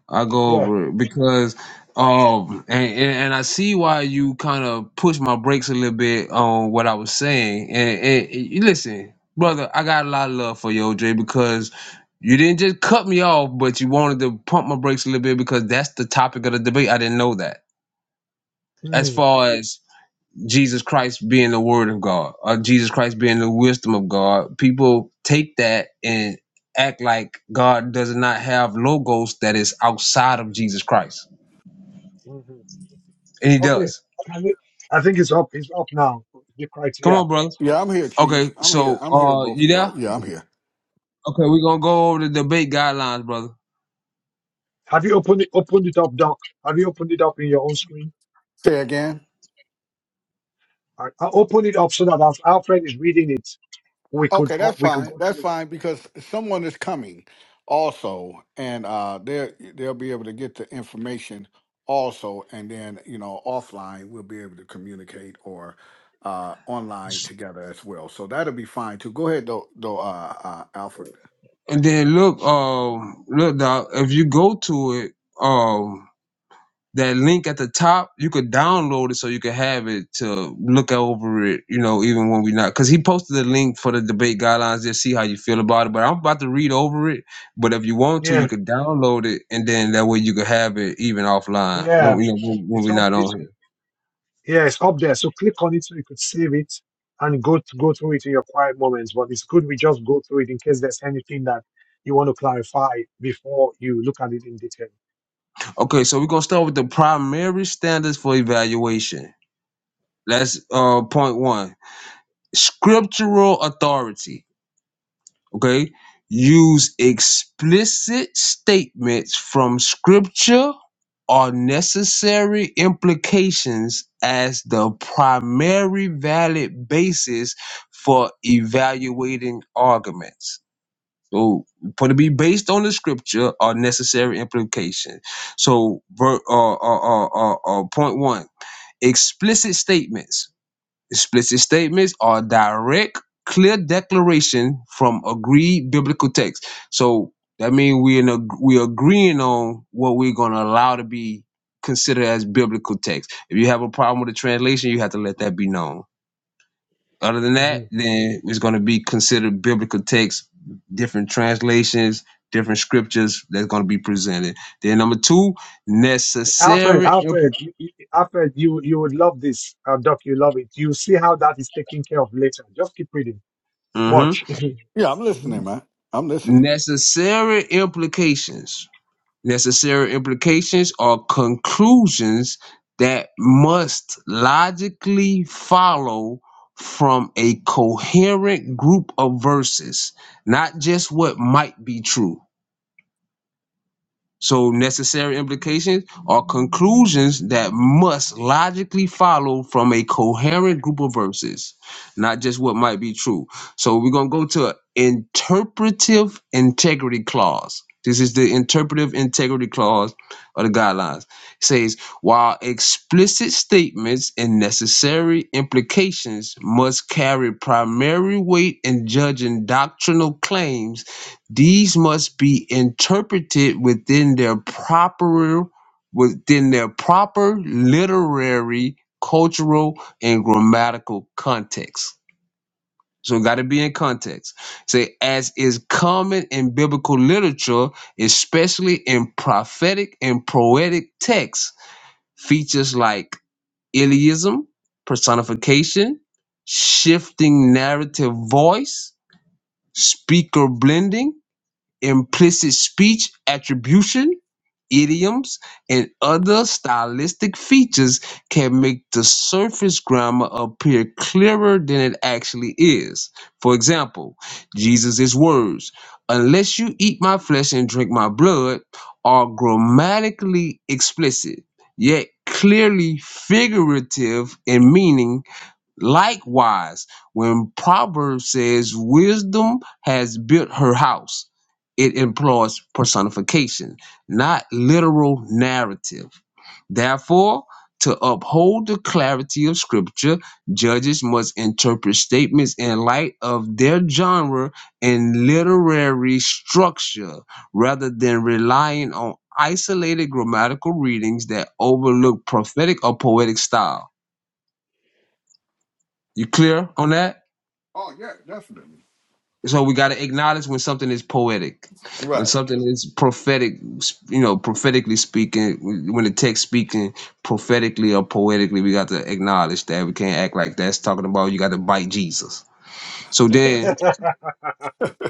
I go Yeah. over it because um and, and, and I see why you kind of push my brakes a little bit on what I was saying. And, and, and you listen, brother, I got a lot of love for you, OJ, because you didn't just cut me off, but you wanted to pump my brakes a little bit because that's the topic of the debate. I didn't know that. As Mm, far as Jesus Christ being the word of God, or Jesus Christ being the wisdom of God, people take that and act like God does not have logos that is outside of Jesus Christ mhm. And he Okay. does. Can you? I think it's up. It's up now. The Come criteria. on, brother. Yeah, I'm here, Okay, Chief. I'm here. so I'm here, uh both you of y'all. there? Yeah, I'm here. Okay, we're gonna go over the debate guidelines, brother. Have you opened it? Opened it up, Doc. Have you opened it up in your own screen? Say again. I, I open it up so that as Alfred is reading it, we could Okay, uh, that's we could fine. go to That's it. fine because someone is coming also, and uh, they they'll be able to get the information also, and then you know offline we'll be able to communicate or uh, online together as well. So that'll be fine too. Go ahead though, though, uh, uh, Alfred. And then look, um, look, dog, if you go to it, um, that link at the top, you could download it so you can have it to look over it, you know, even when we're not. Because he posted the link for the debate guidelines, just see how you feel about it. But I'm about to read over it. But if you want to, you Yeah, could download it, and then that way you could have it even offline, when, yeah. you know, when, when It's we're up. not on It, here. it- yeah, it's up there. So click on it so you could save it and go to, go through it in your quiet moments. But it's good we just go through it in case there's anything that you want to clarify before you look at it in detail. Okay, so we're gonna start with the primary standards for evaluation. That's uh point one. Scriptural authority. Okay. Use explicit statements from scripture or necessary implications as the primary valid basis for evaluating arguments. So, for to be based on the scripture are necessary implication. So, ver, uh, uh, uh, uh, uh, point one: explicit statements. Explicit statements are direct, clear declaration from agreed biblical text. So that means we in a, we agreeing on what we're gonna allow to be considered as biblical text. If you have a problem with the translation, you have to let that be known. Other than Mm-hmm. that, then it's going to be considered biblical texts, different translations, different scriptures that's going to be presented. Then number two, Alfred, necessary impl- Alfred, you, you- Alfred, you you would love this. Uh, Doc, you love it. You see how that is taken care of later. Just keep reading. mhm. Watch. Yeah, I'm Mhm. listening, man. I'm listening. necessary implications. Necessary implications are conclusions that must logically follow from a coherent group of verses, not just what might be true. So necessary implications are conclusions that must logically follow from a coherent group of verses, not just what might be true. So we're gonna go to interpretive integrity clause. This is the interpretive integrity clause of the guidelines. It says while explicit statements and necessary implications must carry primary weight in judging doctrinal claims these must be interpreted within their proper within their proper literary, cultural, and grammatical context. So got to be in context. Say as is common in biblical literature, especially in prophetic and poetic texts, features like Iliism, personification, shifting narrative voice, speaker blending, implicit speech attribution, idioms, and other stylistic features can make the surface grammar appear clearer than it actually is. For example, Jesus' words, unless you eat my flesh and drink my blood, are grammatically explicit, yet clearly figurative in meaning Likewise, when Proverbs says wisdom has built her house, it employs personification, not literal narrative. Therefore, to uphold the clarity of Scripture, judges must interpret statements in light of their genre and literary structure rather than relying on isolated grammatical readings that overlook prophetic or poetic style. You clear on that? Oh yeah, definitely. So we got to acknowledge when something is poetic, when Right. something is prophetic, you know, prophetically speaking, when the text speaking prophetically or poetically, we got to acknowledge that we can't act like that's talking about you got to bite Jesus. So then,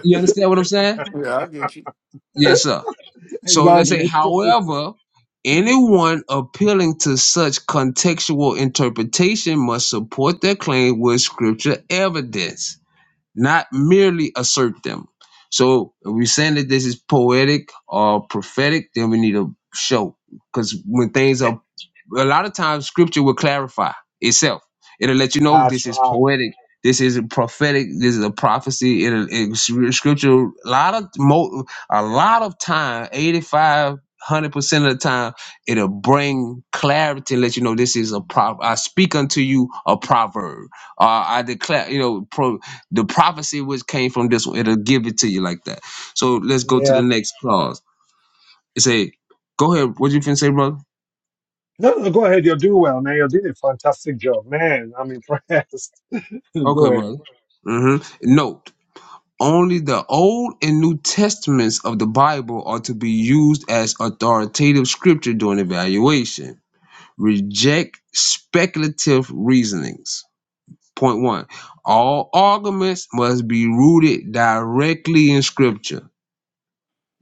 you understand what I'm saying? Yeah, I get you. Yes, sir. So let's say, exactly. however, anyone appealing to such contextual interpretation must support their claim with scripture evidence not merely assert them. So if we're saying that this is poetic or prophetic, then we need to show. Because when things are, a lot of times scripture will clarify itself. It'll let you know That's this is right. poetic, this is prophetic, this is a prophecy. It'll, it, scripture, a lot of, mo, a lot of time, 85, 100% of the time, it'll bring clarity and let you know this is a prov. I speak unto you a proverb. Uh, I declare, you know, the prophecy which came from this one, it'll give it to you like that. So let's go to the Yeah. next clause. It say, go ahead. What you finna say, brother? No, no, no, go ahead. You're doing well, man. You're doing a fantastic job, man. I'm impressed. go Okay, brother. ahead. hmm Note, only the Old and New Testaments of the Bible are to be used as authoritative scripture during evaluation. Reject speculative reasonings. Point one, all arguments must be rooted directly in scripture.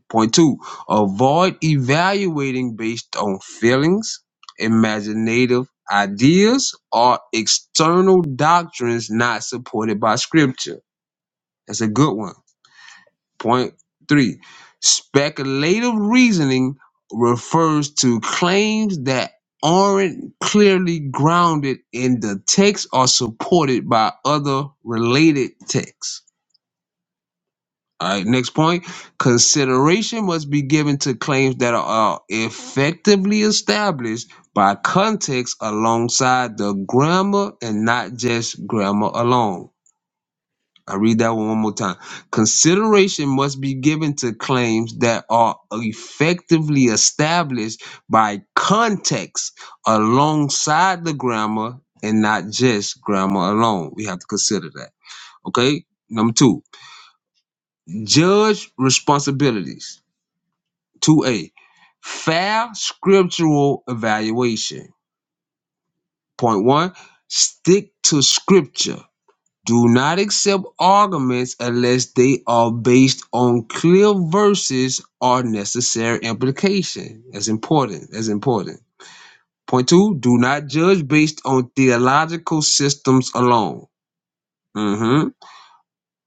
Point two, avoid evaluating based on feelings, imaginative ideas, or external doctrines not supported by scripture. That's a good one. Point three, speculative reasoning refers to claims that aren't clearly grounded in the text or supported by other related texts. All right, next point. Consideration must be given to claims that are effectively established by context alongside the grammar and not just grammar alone. I read that one one more time. Consideration must be given to claims that are effectively established by context alongside the grammar and not just grammar alone. We have to consider that. Okay. Number two, judge responsibilities 2A, fair scriptural evaluation. Point one, stick to scripture. Do not accept arguments unless they are based on clear verses or necessary implication. That's important. That's important. Point two, do not judge based on theological systems alone. Mm-hmm.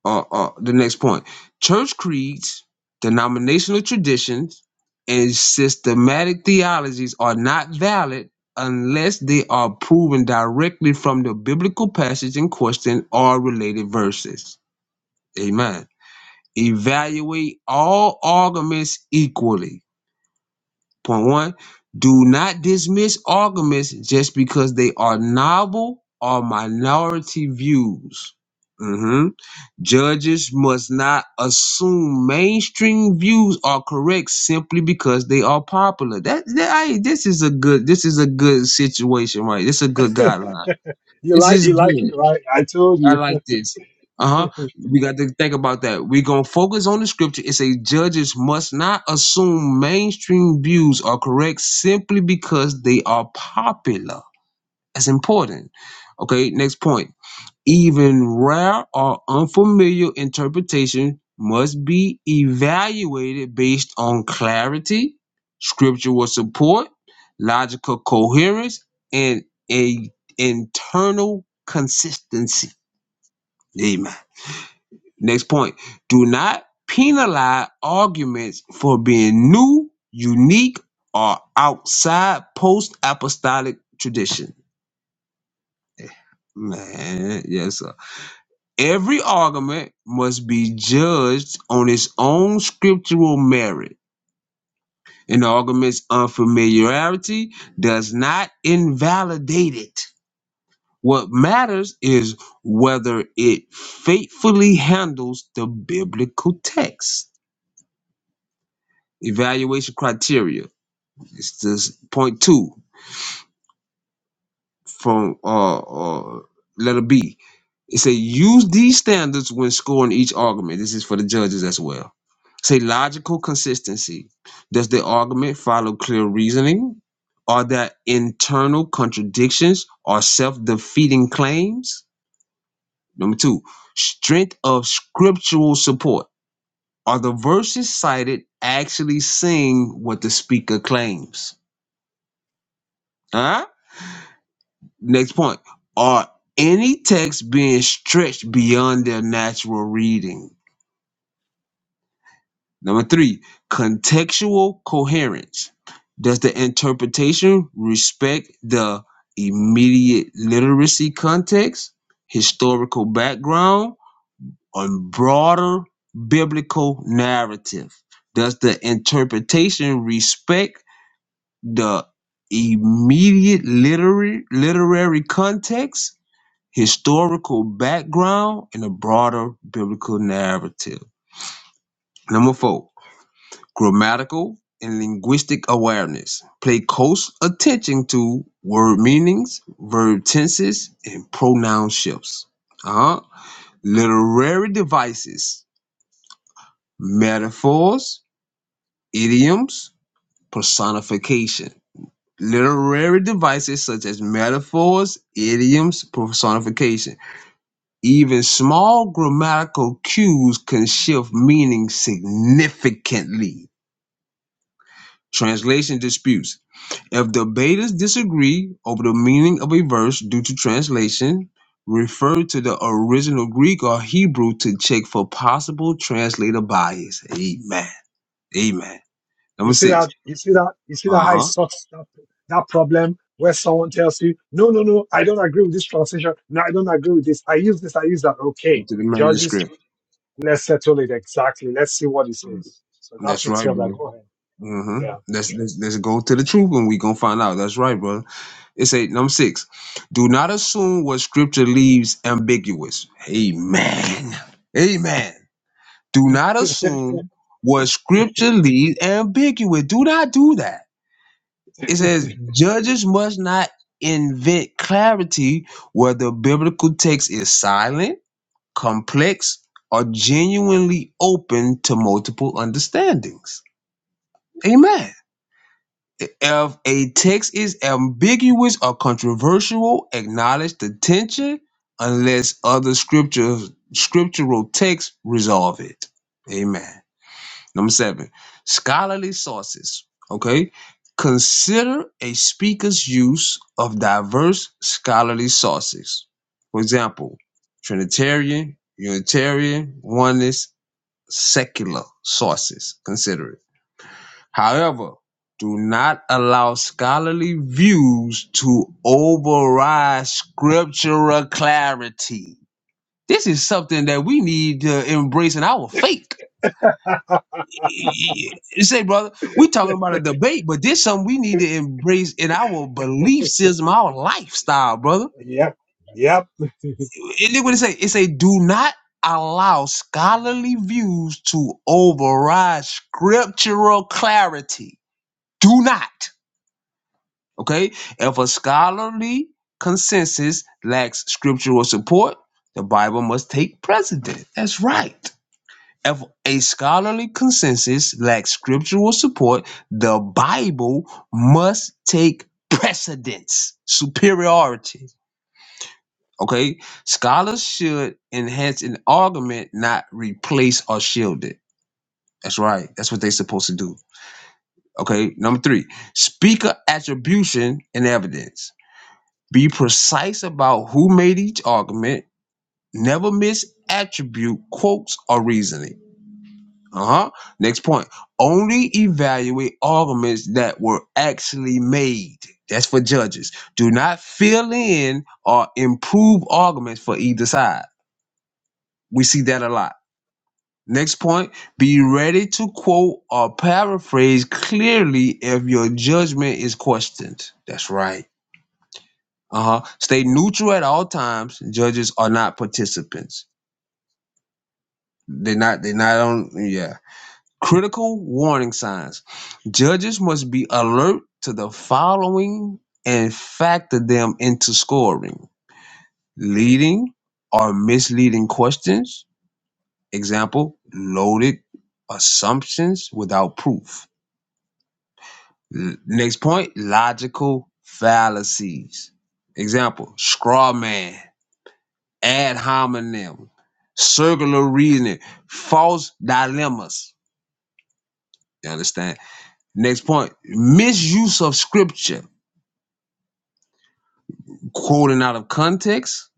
uh, uh, the next point church creeds, denominational traditions, and systematic theologies are not valid unless they are proven directly from the biblical passage in question or related verses. Amen. Evaluate all arguments equally. Point one do not dismiss arguments just because they are novel or minority views. Mhm. Judges must not assume mainstream views are correct simply because they are popular. That, that I, this is a good this is a good situation, right? This is a good guideline. you This like is you like good. it, right? I told I you. like this. Uh-huh. We got to think about that. We're gonna focus on the scripture. It says judges must not assume mainstream views are correct simply because they are popular. That's important. Okay, next point. Even rare or unfamiliar interpretation must be evaluated based on clarity, scriptural support, logical coherence, and a internal consistency. Amen. Next point. Do not penalize arguments for being new, unique, or outside post apostolic tradition. Man, yes, sir. Every argument must be judged on its own scriptural merit. An argument's unfamiliarity does not invalidate it. What matters is whether it faithfully handles the biblical text. Evaluation criteria. It's this point two. from uh, uh letter B. It say use these standards when scoring each argument. This is for the judges as well. Say logical consistency. Does the argument follow clear reasoning? Are there internal contradictions or self-defeating claims? Number two, strength of scriptural support. Are the verses cited actually saying what the speaker claims? Huh? Next point. Are any texts being stretched beyond their natural reading? Number three, contextual coherence. Does the interpretation respect the immediate literacy context, historical background, or broader biblical narrative? Does the interpretation respect the immediate literary literary context, historical background, and a broader biblical narrative. Number four, grammatical and linguistic awareness. Pay close attention to word meanings, verb tenses, and pronoun shifts. Uh-huh. Literary devices, metaphors, idioms, personification. Literary devices such as metaphors, idioms, personification Even small grammatical cues can shift meaning significantly. Translation disputes. If debaters disagree over the meaning of a verse due to translation, refer to the original Greek or Hebrew to check for possible translator bias. Amen. Amen. You Number see six. that? You see that? You see that Uh how it huh. sorts that, that problem where someone tells you, no, no, no, I don't agree with this translation. No, I don't agree with this. I use this. I use that. Go Okay, to the judges, manuscript. let's settle it exactly. Let's see what it says. So that That's takes right, care of that. bro. Go hmm ahead. Let's, let's let's go to the truth and we gonna find out. That's right, brother. It's eight, number six. Do not assume what scripture leaves ambiguous. Amen. Amen. Do not Yeah. assume what scripture leaves ambiguous. Do not do that. It says, judges must not invent clarity where the biblical text is silent, complex, or genuinely open to multiple understandings. Amen. If a text is ambiguous or controversial, acknowledge the tension unless other scripture, scriptural texts resolve it. Amen. Number seven, scholarly sources. Okay. Consider a speaker's use of diverse scholarly sources. For example, Trinitarian, Unitarian, Oneness, secular sources. Consider it. However, do not allow scholarly views to override scriptural clarity. This is something that we need to embrace in our faith. You say, brother, we talking about a debate, but this something we need to embrace in our belief system, our lifestyle, brother. yep. Yep. And look what it say. It say, do not allow scholarly views to override scriptural clarity. Do not. Okay? If a scholarly consensus lacks scriptural support, the Bible must take precedent. That's right. If a scholarly consensus lacks scriptural support, the Bible must take precedence, superiority. Okay? Scholars should enhance an argument, not replace or shield it. That's right. That's what they're supposed to do. Okay? Number three, speaker attribution and evidence Be precise about who made each argument. Never misattribute quotes or reasoning. Uh huh. Next point. Only evaluate arguments that were actually made. That's for judges. Do not fill in or improve arguments for either side. We see that a lot. Next point. Be ready to quote or paraphrase clearly if your judgment is questioned. That's right Uh-huh. Stay neutral at all times. Judges are not participants. They're not they're not on yeah. Critical warning signs. Judges must be alert to the following and factor them into scoring. Leading or misleading questions. Example, loaded assumptions without proof. L- Next point, logical fallacies. Example, straw man. ad hominem, circular reasoning, false dilemmas. You understand? Next point misuse of scripture, quoting out of context,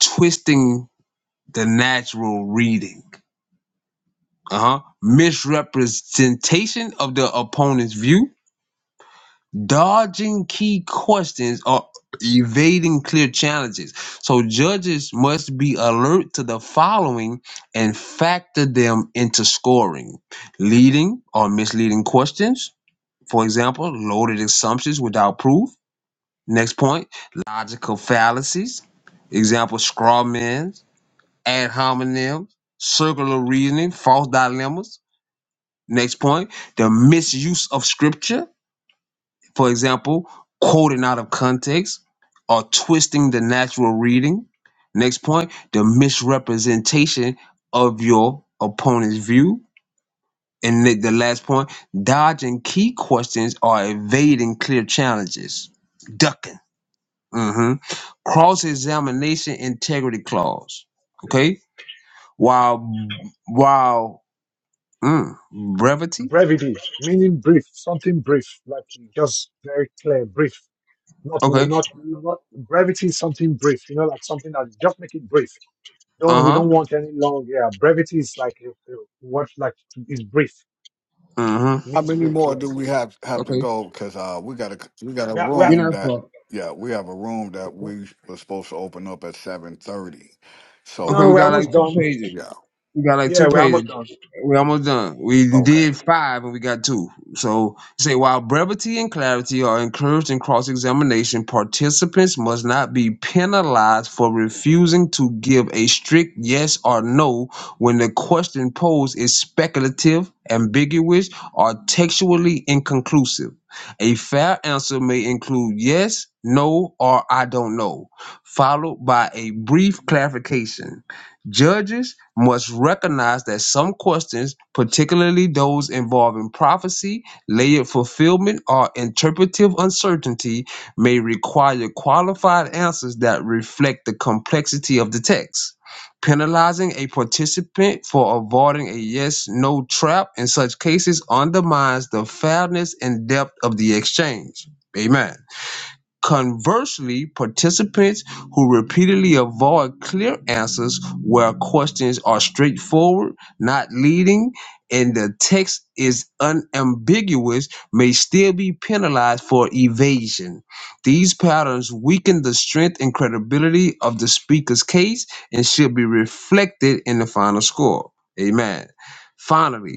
twisting the natural reading. Uh huh. Misrepresentation of the opponent's view, Dodging key questions or evading clear challenges. So judges must be alert to the following and factor them into scoring. Leading or misleading questions, for example, loaded assumptions without proof. Next point, logical fallacies. Example, straw men, ad hominems, circular reasoning, false dilemmas. Next point, the misuse of scripture for example, quoting out of context or twisting the natural reading. Next point, the misrepresentation of your opponent's view. And the the last point, dodging key questions or evading clear challenges. Ducking. hmm Cross examination integrity clause. Okay. While, while, mm, brevity. Brevity, meaning brief, something brief, like just very clear, brief. Not, Okay. not, not brevity, is something brief. You know, like something that just make it brief Uh don't we huh. don't want any long yeah brevity is like uh, uh, what like is brief Uh huh. How means many brief more do yes we have have to Okay. go? Because uh, we got a we got a yeah are, we are, We're room not that fucked. yeah we have a room that you we were supposed to open up at seven thirty. Okay, know we So we're got you almost like know two done pages. yeah We got like yeah two we're almost pages. done We almost done. We okay did five and we got two. So say while brevity and clarity are encouraged in cross examination, participants must not be penalized for refusing to give a strict yes or no when the question posed is speculative, ambiguous, or textually inconclusive. A fair answer may include yes, no, or I don't know, followed by a brief clarification. Judges must recognize that some questions, particularly those involving prophecy, layered fulfillment, or interpretive uncertainty, may require qualified answers that reflect the complexity of the text. Penalizing a participant for avoiding a yes no trap in such cases undermines the fairness and depth of the exchange. Amen. Conversely, participants who repeatedly avoid clear answers where questions are straightforward, not leading, and the text is unambiguous may still be penalized for evasion. These patterns weaken the strength and credibility of the speaker's case and should be reflected in the final score. Amen. Finally,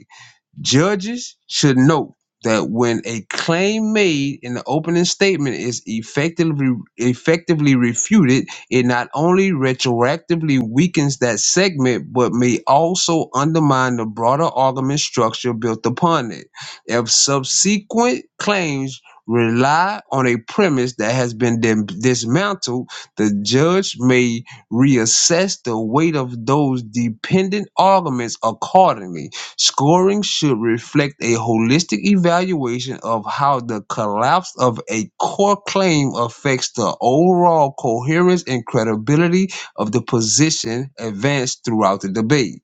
Judges should note that when a claim made in the opening statement is effectively effectively refuted, it not only retroactively weakens that segment, but may also undermine the broader argument structure built upon it. If subsequent claims rely on a premise that has been dim- dismantled, the judge may reassess the weight of those dependent arguments accordingly Scoring should reflect a holistic evaluation of how the collapse of a core claim affects the overall coherence and credibility of the position advanced throughout the debate.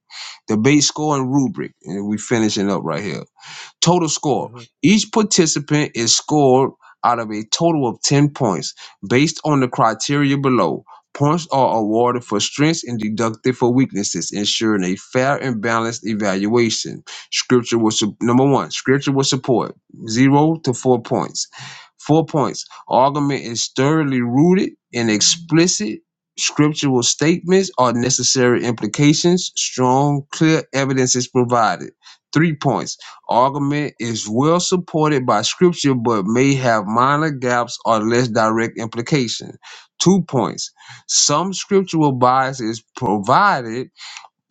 Debate scoring rubric, and we finishing up right here. Total score. mm-hmm. Each participant is scored out of a total of 10 points based on the criteria below. Points are awarded for strengths and deducted for weaknesses, ensuring a fair and balanced evaluation. Scripture will sup- number one, scripture will support zero to four points. Four points. Argument is thoroughly rooted in explicit scriptural statements or necessary implications. Strong, clear evidence is provided. Three points argument is well supported by scripture but may have minor gaps or less direct implication. Two points. Some scriptural bias is provided,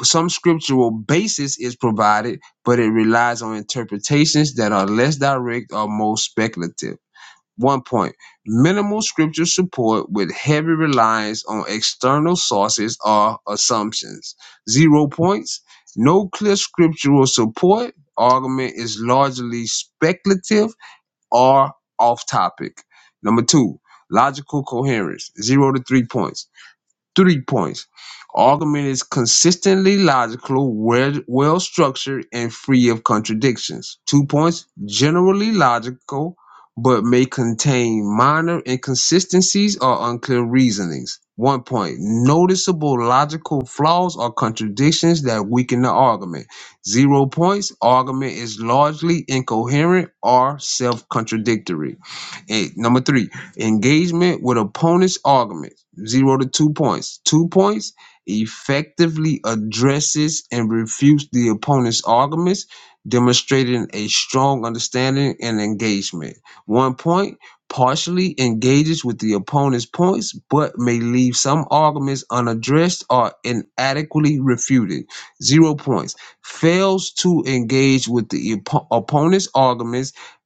some scriptural basis is provided, but it relies on interpretations that are less direct or more speculative. One point minimal scripture support with heavy reliance on external sources or assumptions. Zero points no clear scriptural support. Argument is largely speculative or off topic. Number two, logical coherence. Zero to three points Three points. Argument is consistently logical, well, well structured, and free of contradictions. Two points. Generally logical, but may contain minor inconsistencies or unclear reasonings. One point. Noticeable logical flaws or contradictions that weaken the argument. Zero points. Argument is largely incoherent or self contradictory. And number three, engagement with opponent's arguments, zero to two points. Two points effectively addresses and refutes the opponent's arguments, demonstrating a strong understanding and engagement. One point partially engages with the opponent's points, but may leave some arguments unaddressed or inadequately refuted. Zero points fails to engage with the oppo- opponent's arguments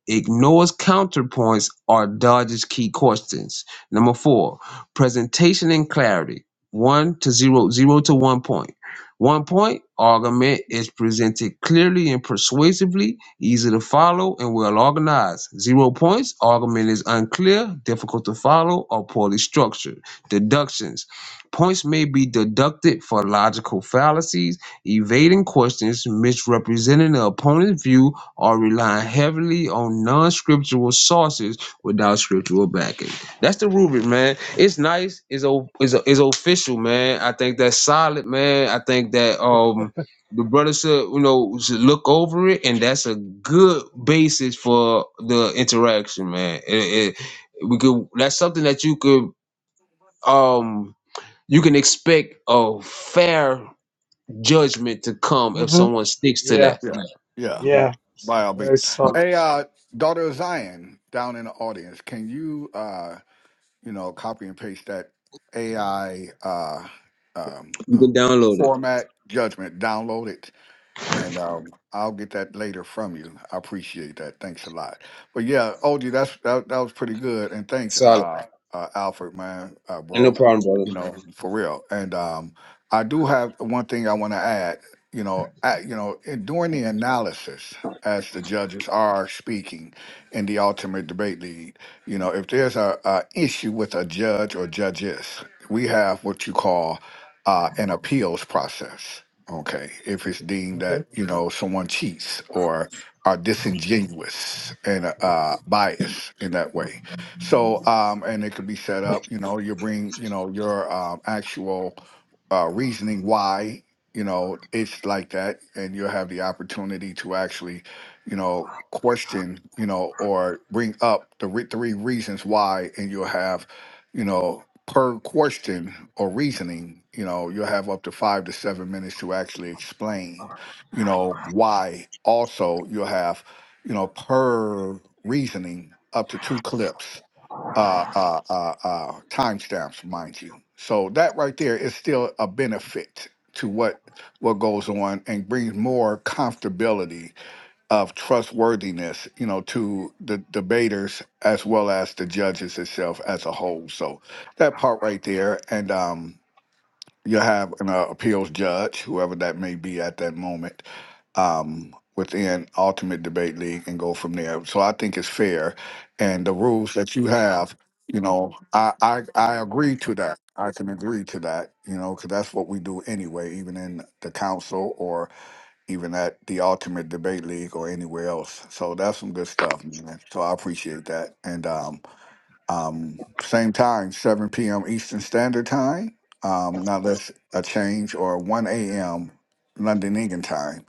ignores counterpoints or dodges key questions. Number four, presentation and clarity. One to zero, zero to one point. One point argument is presented clearly and persuasively, easy to follow, and well organized. Zero points argument is unclear, difficult to follow, or poorly structured. Deductions. Points may be deducted for logical fallacies, evading questions, misrepresenting the opponent's view, are relying heavily on non-scriptural sources without scriptural backing. That's the rubric, man. It's nice. It's o- it's, it's official, man. I think that's solid, man. I think that um the brother should you know should look over it, and that's a good basis for the interaction, man. It, it, we could that's something that you could um you can expect a fair judgment to come mm if hmm someone sticks to yeah that. yeah Yeah, yeah Mhm. yeah it's by all very means. solid Hey, uh, daughter of Zion down in the audience, can you uh you know copy and paste that AI uh um, you can um download it. format judgment? Download it And um, I'll get that later from you. I appreciate that. Thanks a lot. But yeah, OG, that's that, that was pretty good. And thanks, Solid. uh, uh, Alfred, man, uh, And no bro. problem, brother. You know, for real. And um, I do have one thing I want to add. You know, at, you know, in, during the analysis, as the judges are speaking in the ultimate debate lead, you know, if there's a, a issue with a judge or judges, we have what you call uh, an appeals process Okay, if it's deemed okay that you know someone cheats or are disingenuous and uh, biased in that way, so um, and it could be set up. You know, you bring you know your um, actual uh, reasoning why you know it's like that, and you'll have the opportunity to actually, you know, question you know or bring up the re- three reasons why, and you'll have, you know per question or reasoning, you know, you'll have up to five to seven minutes to actually explain, you know, why. Also, you'll have, you know, per reasoning, up to two clips, uh, uh, uh, uh, timestamps, mind you. So that right there is still a benefit to what what goes on and brings more comfortability of trustworthiness, you know, to the debaters as well as the judges itself as a whole. So that part right there, and um, you have an uh, appeals judge, whoever that may be at that moment, um, within Ultimate Debate League, and go from there. So I think it's fair, and the rules that you have, you know, I I, I agree to that. I can agree to that, you know, because that's what we do anyway, even in the council or even at the Ultimate Debate League or anywhere else. So that's some good stuff, man. So I appreciate that. And um, um, same time, 7 p.m. Eastern Standard Time, um, not less a change, or 1 a.m. London England time.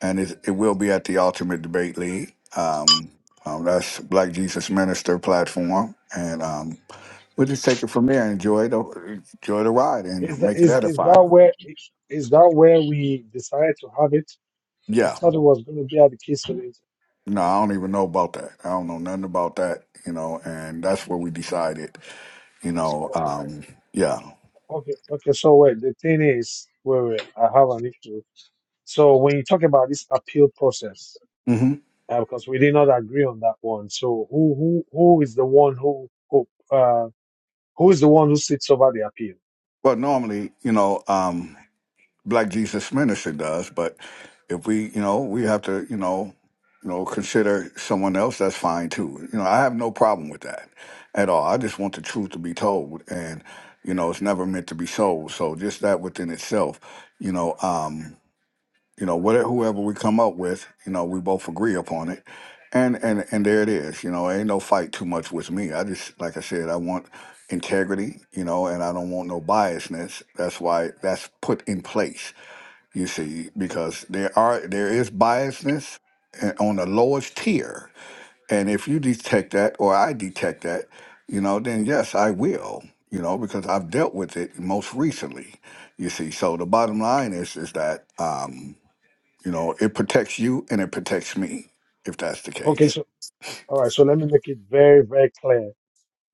And it, it will be at the Ultimate Debate League. Um, um, that's Black Jesus Minister platform. And um, we'll just take it from there and enjoy the, enjoy the ride and is that make it is is that edifying. where is that where we decided to have it I Yeah. thought it was going to be at the kiss of it No, I don't even know about that. I don't know nothing about that, you know, and that's where we decided, you know, oh, oh, um, yeah. okay okay so wait the thing is wait wait I have an issue so when you talk about this appeal process hmm uh, because we did not agree on that one. So who who who is the one who who uh, who is the one who sits over the appeal? But normally, you know, um, Black Jesus Minister does, but if we, you know, we have to, you know, you know, consider someone else, that's fine too. You know, I have no problem with that at all. I just want the truth to be told and, you know, it's never meant to be sold. So just that within itself, you know, um, you know whatever whoever we come up with you know we both agree upon it and and and there it is you know ain't no fight too much with me i just like i said i want integrity you know and i don't want no biasness that's why that's put in place you see because there are there is biasness a- on the lowest tier and if you detect that or i detect that you know then yes i will you know because i've dealt with it most recently you see so the bottom line is is that um you know, it protects you and it protects me if that's the Okay, case. so all right. So let me make it very very clear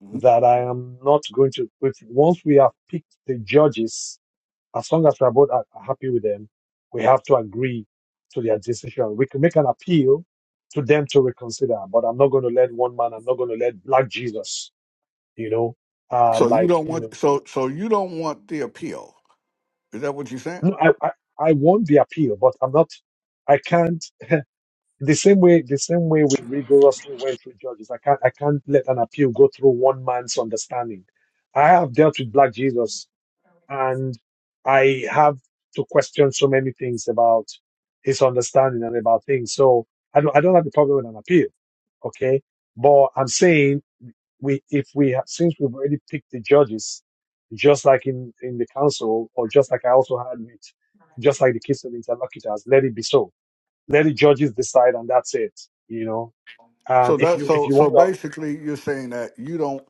Mhm. that I am not going to. If, once we have picked the judges, as long as we are both are are happy with them, we have to agree to their decision. We can make an appeal to them to reconsider, but I'm not going to let one man. I'm not going to let Black Jesus. You know, um, So you like don't you know. want so so you don't want the appeal. Is that what you said? No, I, I, I won the appeal, but I'm not. I can't. The same way, the same way we rigorously went through judges, I can't. I can't let an appeal go through one man's understanding. I have dealt with Black Jesus, and I have to question so many things about his understanding and about things. So I don't. I don't have a problem with an appeal. Okay, but I'm saying we if we have, since we've already picked the judges, just like in in the council, or just like I also had with, just like the case of interlocutors, let it be so. Let the judges decide, and that's it. You know, um, So if that you if so you so want to, basically you're saying that you don't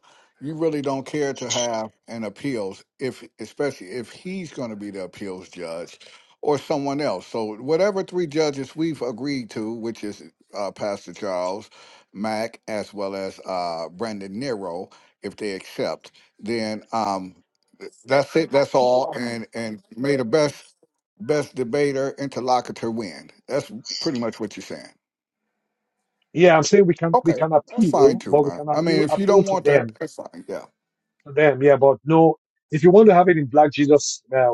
you really don't care to have an appeals if especially if he's going to be the appeals judge or someone else. So whatever three judges we've agreed to, which is uh, Pastor Charles Mack as well as uh, Brandon Nero, if they accept, then um, th- that's it. That's all. And and may the best best debater interlocutor win. That's pretty much what you're saying. yeah, I'm saying we can we Okay, can that's fine appeal, too, but we man. can I mean, appeal if you appeal don't to want that, them that's fine. Yeah. to them, yeah, but no, if you want to have it in black Jesus, uh,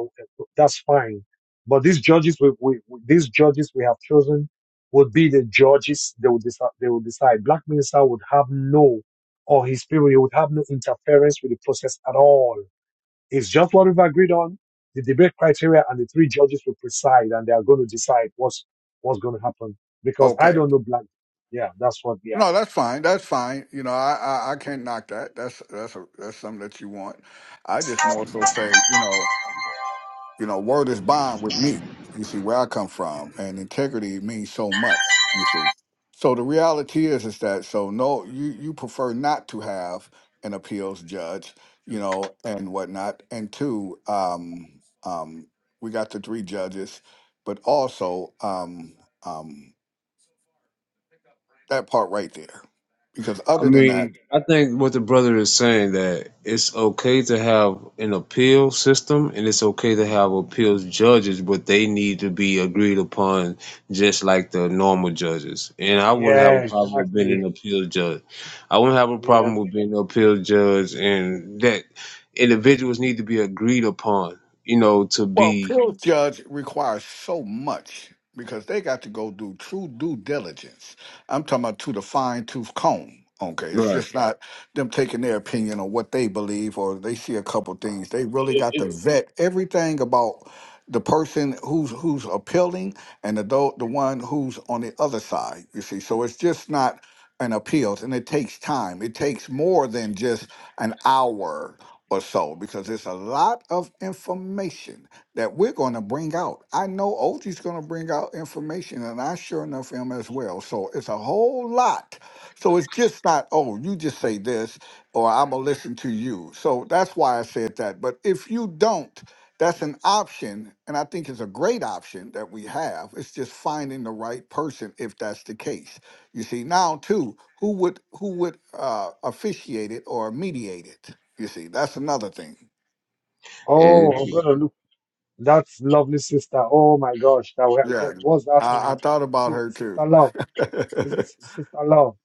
that's fine. But these judges, we, we, these judges we have chosen would be the judges they would decide. They would decide. Black minister would have no, or his people, he would have no interference with the process at all. It's just what we've agreed on. The debate criteria and the three judges will preside, and they are going to decide what's what's going to happen. Because I Okay. don't know black. Yeah, that's what. Yeah. No, that's fine. That's fine. You know, I I, I can't knock that. That's that's a, that's something that you want. I just more so say, you know, You know, word is bond with me. You see where I come from, and integrity means so much. You see, so the reality is, is that so no, you you prefer not to have an appeals judge, you know, and whatnot. And two, um, um, we got the three judges, but also um, um, that part right there, because I other than that. mean, I think what the brother is saying that it's okay to have an appeal system and it's okay to have appeals judges, but they need to be agreed upon just like the normal judges. And I wouldn't have Yeah, a problem with being exactly. an appeal judge. I wouldn't have a Yeah. problem with being an appeal judge and that individuals need to be agreed upon, you know, to Well, be appeals judge requires so much because they got to go do true due diligence. I'm talking about to the fine tooth comb. Okay, it's right. just not them taking their opinion on what they believe or they see a couple things. They really got to vet everything about the person who's who's appealing and the do- the one who's on the other side. You see, so it's just not an appeals, and it takes time. It takes more than just an hour or so because it's a lot of information that we're going to bring out. I know Otie's going to bring out information, and I sure enough am as well. So it's a whole lot. So it's just not, oh, you just say this, or I'm going to listen to you. So that's why I said that. But if you don't, that's an option, and I think it's a great option that we have. It's just finding the right person if that's the case. You see, now too, who would who would uh, officiate it or mediate it? You see, that's another thing. And Oh, I'm gonna look. That's lovely sister. Oh my gosh, that we- Yeah, what was that I, I um, thought about Si- her too. sister love? Is this sister love?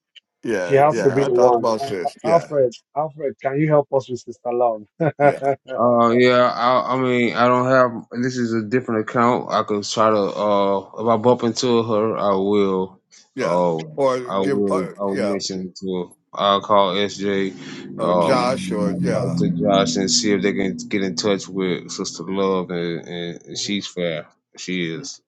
She yeah, has to Mhm. yeah. be I the thought one. about Al- Al- sis. Yeah, Alfred, Alfred, can you help us with sister love? yeah, Uh, yeah, I, I mean, I don't have. This is a different account. I could try to. Uh, if I bump into her, I will. yeah. Uh, Or I give, uh, will. I will yeah, mention to her. I'll call SJ. or Josh, or Um, I'll talk yeah, to Josh and see if they can get in touch with Sister Love, and, and Mhm. she's fair. She is.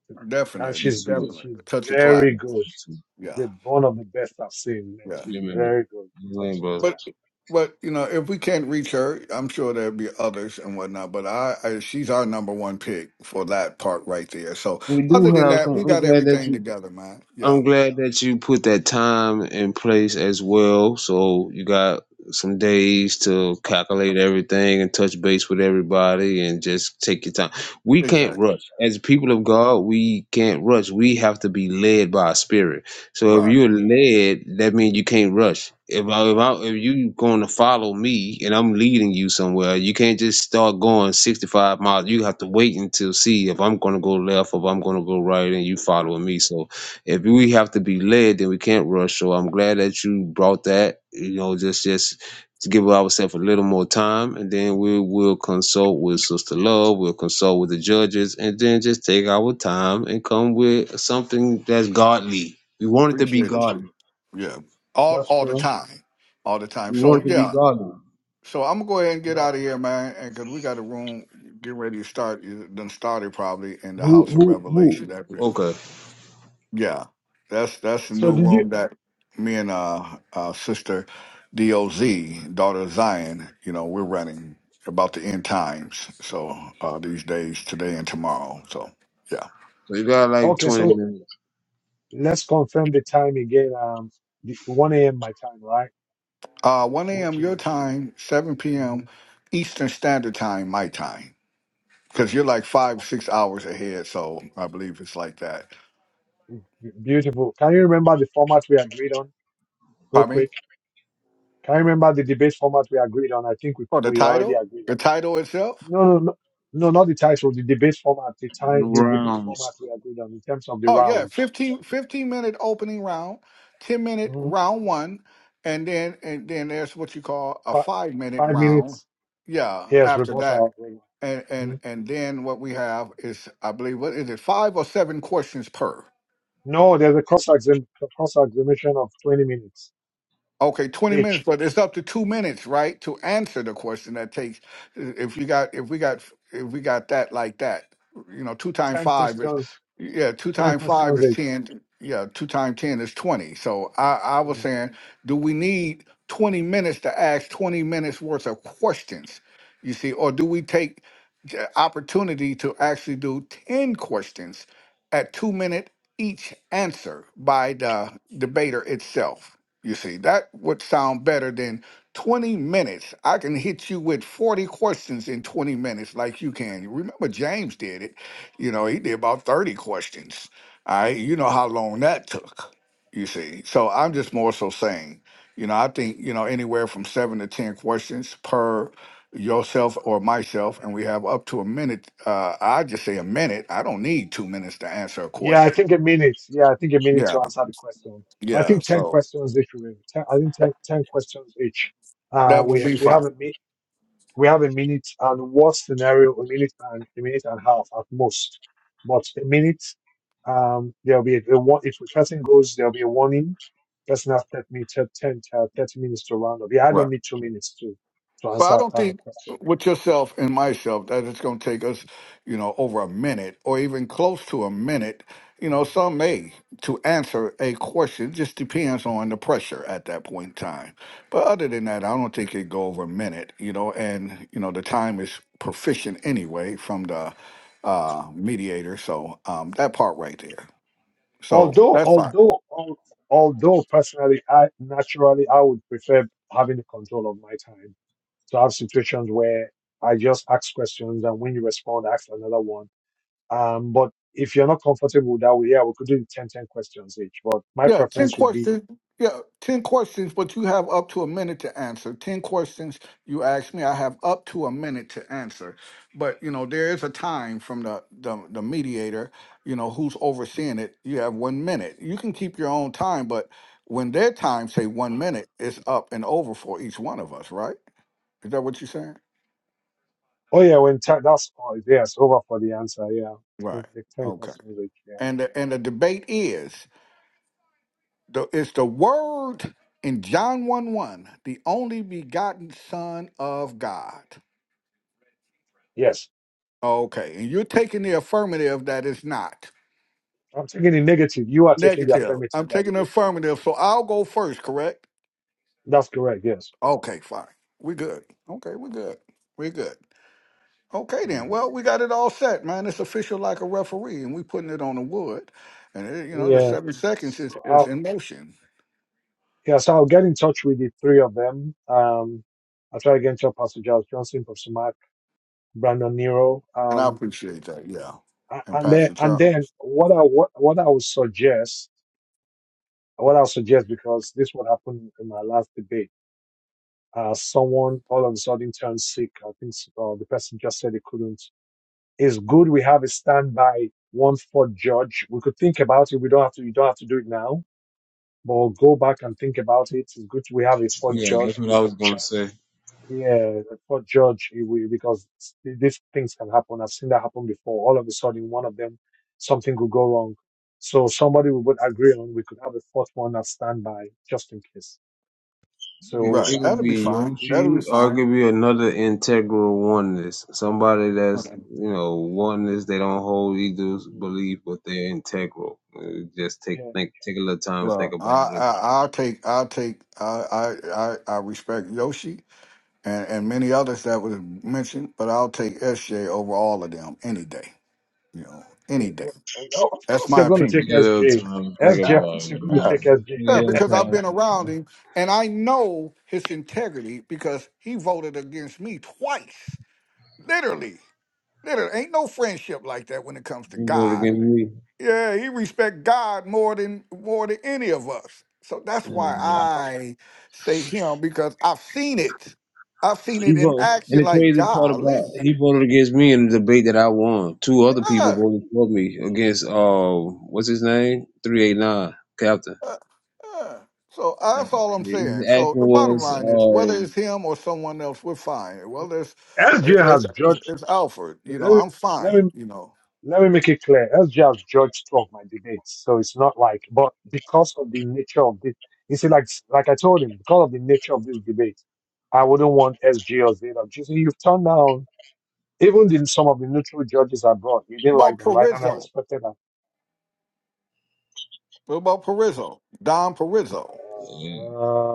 and definitely, She's she's sweet. good. definitely. She's Touch a clock. very Yeah, good. she's sweet. Yeah, The one of the best I've seen. man. yeah. She's Amen. very good in Amen, terms of brother. But, yeah. but you know, if we can't reach her, I'm sure there'll be others and whatnot. But I, I she's our number one pick for that part right there. So We other do than have that, some. we I'm got Mhm. glad that everything you together, man. Yeah, I'm glad that you put that time in place as well. So you got some days to calculate everything and touch base with everybody and just take your time. We can't exactly. rush. As people of God, we can't rush. We have to be led by a spirit. So if Right. you're led, that means you can't rush. If I, if I, if you going to follow me and I'm leading you somewhere, you can't just start going 65 miles. You have to wait until see if I'm going to go left or if I'm going to go right and you following me. So if we have to be led, then we can't rush. So I'm glad that you brought that. You know, just just to give ourselves a little more time, and then we will consult with Sister Love. We'll consult with the judges, and then just take our time and come with something that's godly. We want it to be Appreciate it, Steve. godly. Yeah, all That's all the true. time, all the time. We want So it to be yeah, godly. So I'm gonna go ahead and get out That's of here, man, and because we got a room getting ready to start. It done started probably in the Who House of who Revelation. who? That we- Okay, yeah, that's that's the so. new Did you? room that me and uh, uh sister Doz, daughter of Zion, you know, we're running about the end times. So uh these days, today and tomorrow. So yeah, so you got like Okay, 20 so minutes let's confirm the time again. Um, the, one a.m. my time, right? uh 1 Which a.m. your is. time, 7 p.m. mhm. Eastern Standard Time, my time, because you're like five six hours ahead. So I believe it's like that. Beautiful. Can you remember the format we agreed on, real Pardon me? quick? Can you remember the debate format we agreed on? I think we, Oh, the we already title? agreed. The title itself? No, no, no, no, not the title, the debate format, the time, the debate rounds. format we agreed on in terms of the Oh, yeah. rounds. 15 15 minute opening round, 10 minute Mhm. round one, and then and then there's what you call a Five, five minute five round. minutes. Yeah, Yes, after that. rebuttal. And and Mhm. and then what we have is I believe what is it, five or seven questions per. No, there's a cross exam cross examination of twenty minutes Okay, 20 minutes, each. but it's up to two minutes, right, to answer the question that takes. If you got, if we got, if we got that like that, you know, two times Ten five is, questions. yeah, two Ten times five questions is each. 10. Yeah, two times 10 is 20. So I, I was Mm. saying, do we need 20 minutes to ask 20 minutes worth of questions? You see, or do we take the opportunity to actually do 10 questions at two minute each answer by the debater itself. You see, that would sound better than 20 minutes. I can hit you with 40 questions in 20 minutes, like you can. Remember, James did it. You know, he did about 30 questions. All right. You know how long that took, you see. So I'm just more so saying, you know, I think, you know, anywhere from seven to 10 questions per yourself or myself, and we have up to a minute. Uh, I just say a minute. I don't need two minutes to answer a Yeah, I question. think a minute. Yeah, I think a minute Yeah, to answer the question. I yeah. think ten So questions each. we- Ten, I think 10 10 questions each. Uh, that will we be we fine. have a mi- we have a minute and worst scenario a minute and a minute and a half at most, but a minute. Um, there'll be a, a one, if a person goes, there'll be a warning. Person has 30 minutes, 10, uh, 30 minutes to round up. Yeah, I Right. don't need two minutes to to Well, I answer don't uh, think questions. with yourself and myself that it's going to take us, you know, over a minute or even close to a minute. You Mm. know, some may to answer a question. It just depends on the pressure at that point in time. But other than that, I don't think it go over a minute. You know, and you know the time is proficient anyway from the uh, mediator, so um, that part right there. So Although, that's fine. although, al- although personally, I naturally I would prefer having the control of my time to have situations where I just ask questions and when you respond, I ask another one. Um, but if you're not comfortable with that way, yeah, we could do 10, 10 questions each. But my Yeah, 10 preference would be, questions. Yeah, 10 questions, but you have up to a minute to answer. 10 questions you ask me, I have up to a minute to answer. But, you know, there is a time from the, the, the mediator, you know, who's overseeing it. You have one minute. You can keep your own time, but when their time, say one minute, it's up and over for each one of us, right? Is that what you're saying? oh yeah, when ti- that's all, yeah, it's over for the answer. Yeah, 10, Right. 10 Okay. questions each. Yeah, And the, and the debate is. The, it's the word in John 1 1, the only begotten Son of God. yes. Okay, and you're taking the affirmative that it's not. I'm taking the negative. You are taking the Negative. affirmative. I'm That taking it the is. affirmative, so I'll go first, correct? That's correct. Yes. Okay, fine. We good. Okay, we good. We good. Okay then. Well, we got it all set, man. It's official like a referee, and we putting it on the wood. And it, you know, the Yeah. seven seconds is, So uh, is in motion. Yeah, so I'll get in touch with the three of them. Um, I'll try to get in touch with Pastor Giles Johnson, Pastor Mark, Brandon Nero. And I Um, appreciate that, yeah. a- And and then, Pastor and then Charles. what I, what, what I would suggest, what I'll suggest, because this would happen in my last debate, uh, someone all of a sudden turned sick. I think uh, the person just said they couldn't. It's good we have a standby one fourth judge. We could think about it. We don't have to, you don't have to do it now, but we'll go back and think about it. It's good we have a fourth Yeah, judge that's what I was gonna say. Yeah, the court judge, he will, because s- these things can happen. I've seen that happen before. All of a sudden, one of them, something could go wrong. So somebody we would agree on, we could have a fourth one as standby just in case. So, Right. It could That'll be be a fine. y- That'll be Yoshi, or it fine. could be another integral oneness. Somebody that's you know oneness. They don't hold either y- belief, but they're integral. Uh, Just take yeah, think, take a little time to think Well, I, about it. I I'll take I'll take I I I I respect Yoshi and and many others that was mentioned, but I'll take SJ over all of them any day. You know, it, any day. w- and, oh, of That's course you're my going to take Take a opinion. S little J. time to S J. think Yeah, of about course you're it, going to man. Take yeah, take a SJ. yeah, little because I've time. To been think about around it. him and I know his integrity because he voted against me twice. Literally. Literally. Ain't no friendship like that when it comes to He voted God. against Mm, me. Yeah, he respect God more than more than any of us. So that's why mm. Uh, Yeah. I say him because I've seen it. I've seen He it in voted, and action. the Like crazy part golly, about he voted against me in the debate that I won. Two other people uh, voted for me against uh, what's his name? Three eight nine Captain. uh, uh. so uh, Yeah. that's all I'm His saying. So action the bottom was line is, whether it's um. him or someone else, we're fine. Whether it's uh, SJ it's, has it's, judged. it's Alfred, you know, I'm Let me, fine. You know, Let me make it clear. That's just George talk my debates. So it's not like, but because of the nature of this, you see, like like I told him, because of the nature of this debate, I wouldn't want SG or Zeno. You see, you've turned down even the, some of the neutral judges I brought. You didn't What like about them, right? And I Parizo. respected that. What about Perizzo? Don Perizzo.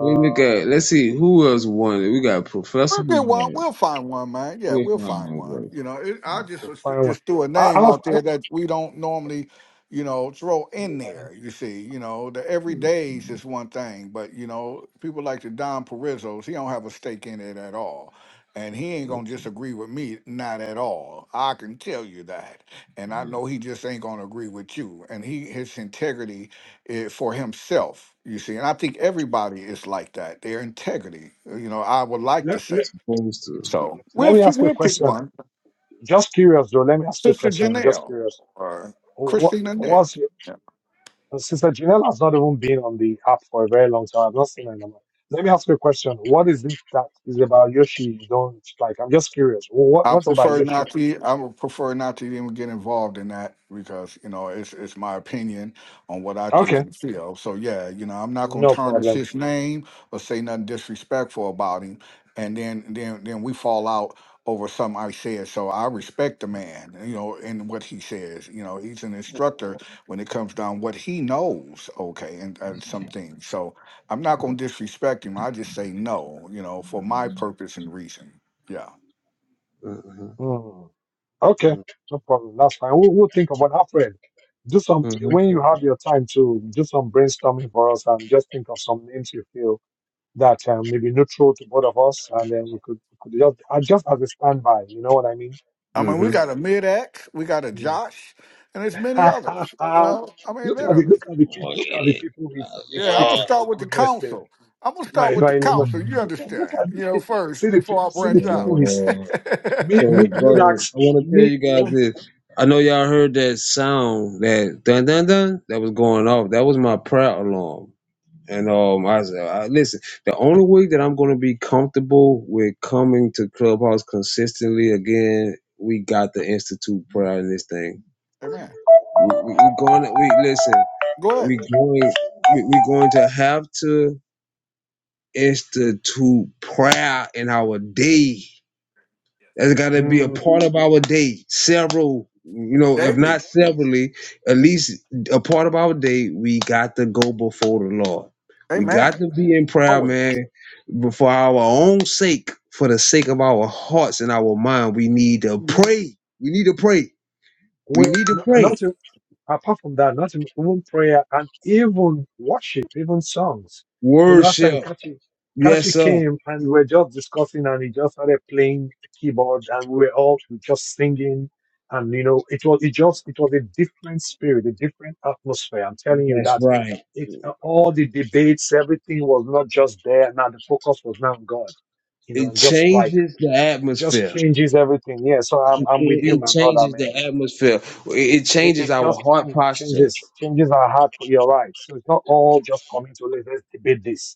We look at let's see who else won it. We got Professor We'll get one. Love. We'll find one, man. Yeah, Where's we'll my find own one. voice? You know, it, I Mm, just could was- find one. just threw a I, name I've, out I, there that we don't normally, you know, throw in yeah. there. You see, you know, the mm, everydays mm. is one thing, but you know, people like the Don Perizzos, he don't have a stake in it at all, and he ain't gonna Okay, disagree with me, not at all. I can tell you that, and I mm. know he just ain't gonna agree with you. And he, his integrity eh, for himself, you see. And I think everybody is like that. Their integrity, uh, you know, I would like to let, say. let, Supposed to. So let we'll, me fi- ask you a we'll pick question. one. Just curious, though. Let me ask you a Sister question. I'm just Janelle curious. or What Christina Nick. was And Sister Janelle has not even been on the app for a very long time. I've not seen her in a while. Let me ask you a question. What is it that is about Yoshi you don't like? I'm just curious. What I What's about prefer Yoshi? not to. That... e, I would prefer not to even get involved in that because you know it's it's my opinion on what I think Okay, and feel. So yeah, you know I'm not gonna no tarnish problem. his name or say nothing disrespectful about him, and then then then we fall out over something I said. So I respect the man, you know, and what he says. You know, he's an instructor when it comes down what he knows. Okay, and uh, some things. So I'm not gonna disrespect him. I just say no, you know, for my purpose and reason. Yeah. Mm-hmm. Hmm. Okay, no problem. That's fine. We'll, we'll think about Alfred. Do some Mm-hmm. when you have your time to do some brainstorming for us and just think of some names you feel that um, may be neutral to both of us, and then we could, we could just uh, just as a standby. You know what I mean? I mean, we Mm-hmm. got a mid X, we got a Josh, and there's many Ha, ha, others. You ha. know, I mean, look at the literally. look at the people Oh, look at the yeah. people he's, he's Yeah, I'm gonna speaking Oh. for start with the goodness sake. council. I'm gonna My, start with the my, my- council. You look at look understand? at You know, the, see first the before people I see the branch out. people he's Yeah. me me So, me brother that's I want to tell me you guys oh, this. I know y'all heard that sound, that dun dun dun, that was going off. That was my prayer alarm. And um, I said, I, listen, the only way that I'm going to be comfortable with coming to Clubhouse consistently again, we got to institute prayer in this thing. Amen. We, we, we going to, we listen, Go ahead, we going, we, we going to have to institute prayer in our day. That's got to be a mm. part of our day. Several, you know, if Davey. not severally, at least a part of our day. We got to go before the Lord. We got Amen. to be in prayer, man, but for our own sake, for the sake of our hearts and our mind. We need to pray. We need to pray. We We need to no- pray. not to, apart from that, not even even prayer and even worship, even songs. The last time Worship. Kachi Yes, Kachi sir. came and we were just discussing and he just started playing the keyboard and we were all just singing and you know it was it just it was a different spirit, a different atmosphere. I'm telling you That's that right. it all the debates, everything was not just there. Now the focus was now on God. You know, It and just like changes the just atmosphere. changes everything. Yeah, so I'm It, I'm with you, it my brother, changes the man. atmosphere. It it It, changes it our just heart changes, it posture. changes changes our heart. for- You're right. So it's not all just coming to let- let's debate this.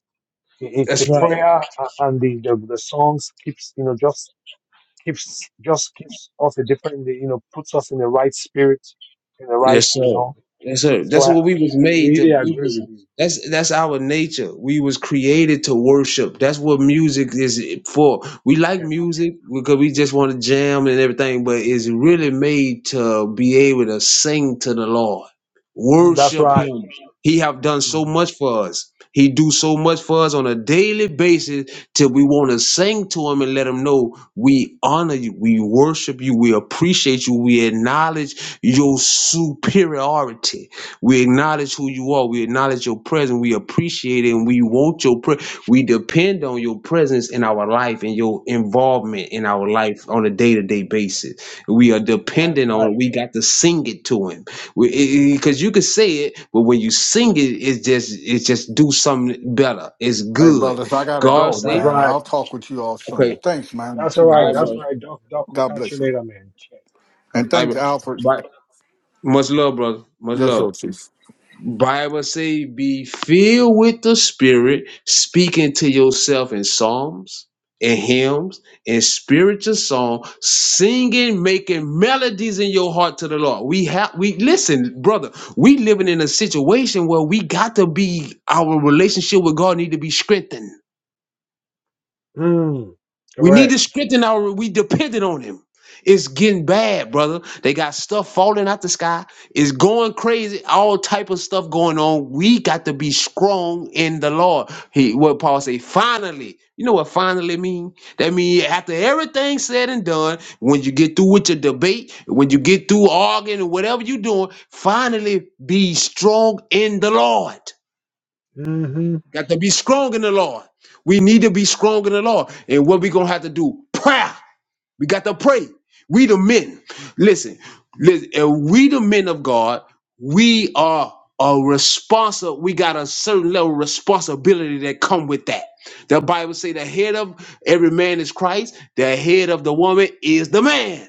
It, it's the That's right. prayer a- and the, the the songs keeps you know just keeps just keeps us a different you know puts us in the right spirit, in the right Yes, you sir. know. Yes, sir. So That's I, what I we was I made to. really We agree was with you. that's that's our nature. We was created to worship. That's what music is for. We like music because we just want to jam and everything, but it's really made to be able to sing to the Lord, Yeah. Mm, That's worship right. Him. He have done so Mhm. much for us. He do so much for us on a daily basis till we want to sing to Him and let Him know we honor you, we worship you, we appreciate you, we acknowledge your superiority. We acknowledge who you are. We acknowledge your presence. We appreciate it and we want your pre- we depend on your presence in our life and your involvement in our life on a day-to-day basis. We are That's dependent right. on it. We got to sing it to him. Because you can say it, but when you sing it, it's just it's just do something better. It's Hey, good. brothers, I gotta God go, That's say, man. right. I'll talk with you all okay, soon. Thanks, man, That's to all the all right. right, both of That's brother. all you. right. Doc, Doc, we'll God catch you bless you, later, man. Cheers. God and bless All right, you. thanks, Alfred. brother. Bye. Much love, brother. Much Yes, love. sir. Bible say, be filled with the Spirit, speaking to yourself in psalms and hymns and spiritual song, singing, making melodies in your heart to the Lord. We have we listen, brother. We living in a situation where we got to be our relationship with God need to be strengthened. Mm, We need correct. to strengthen our. We depended on him. It's getting bad, brother. They got stuff falling out the sky. It's going crazy. All type of stuff going on. We got to be strong in the Lord. He what Paul say. Finally, you know what finally mean? That mean after everything said and done, when you get through with your debate, when you get through arguing or whatever you doing, finally be strong in the Lord. Mm-hmm. Got to be strong in the Lord. We need to be strong in the Lord. And what we gonna have to do? Prayer. We got to pray. We the men. Listen, listen. And we the men of God. We are a responsible. We got a certain level of responsibility that come with that. The Bible say the head of every man is Christ. The head of the woman is the man.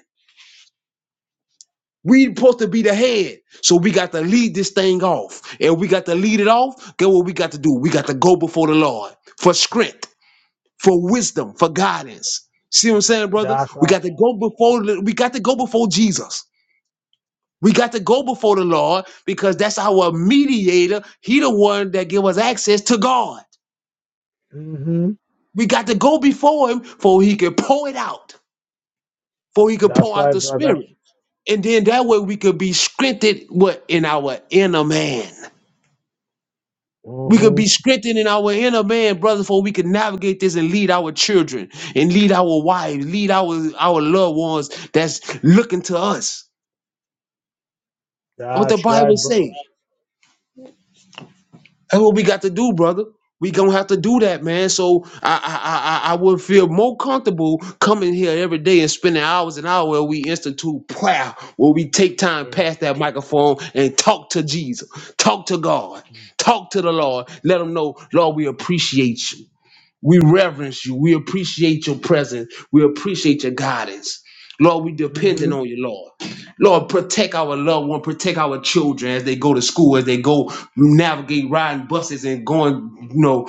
We supposed to be the head. So we got to lead this thing off. And we got to lead it off. Get what we got to do. We got to go before the Lord for strength for wisdom, for guidance. See what I'm saying, brother? That's We right. got to go before the- we got to go before Jesus. We got to go before the Lord because that's our mediator. He the one that give us access to God. Mm-hmm. We got to go before him for he can pour it out, for he can That's pour out right, the brother. spirit. And then that way we could be strengthened what in our inner man. We could Mm-hmm. be strengthened in our inner man, brother, for we can navigate this and lead our children and lead our wives, lead our, our loved ones that's looking to us. What the That's Bible right, bro. say. That's what we got to do, brother. We gonna have to do that, man. So I I I, I I would feel more comfortable coming here every day and spending hours and hours where we institute prayer, where we take time Right. past that microphone and talk to Jesus, talk to God, talk to the Lord. Let them know, Lord, we appreciate you. We reverence you. We appreciate your presence. We appreciate your guidance. Lord, we Mm-hmm. depending on you, Lord. Lord, protect our loved one, protect our children as they go to school, as they go navigate riding buses and going, you know,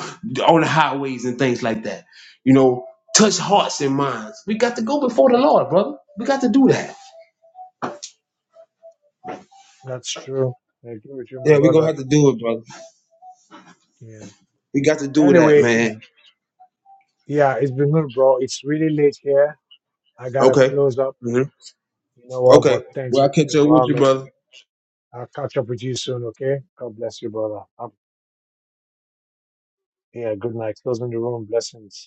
on the highways and things like that. You know, touch hearts and minds. We got to go before the Lord, brother. We got to do that. That's true. I agree with you, my brother. Yeah. We got to do that, Anyway, it's man. yeah, it's been good, bro. It's really late here. I gotta Okay. close up. hmm You know what? But Okay. thanks Well, for I'll catch coming up with around, you, brother. man. I'll catch up with you soon, okay? God bless you, brother. Have Yeah, good night. Closing the room. Blessings.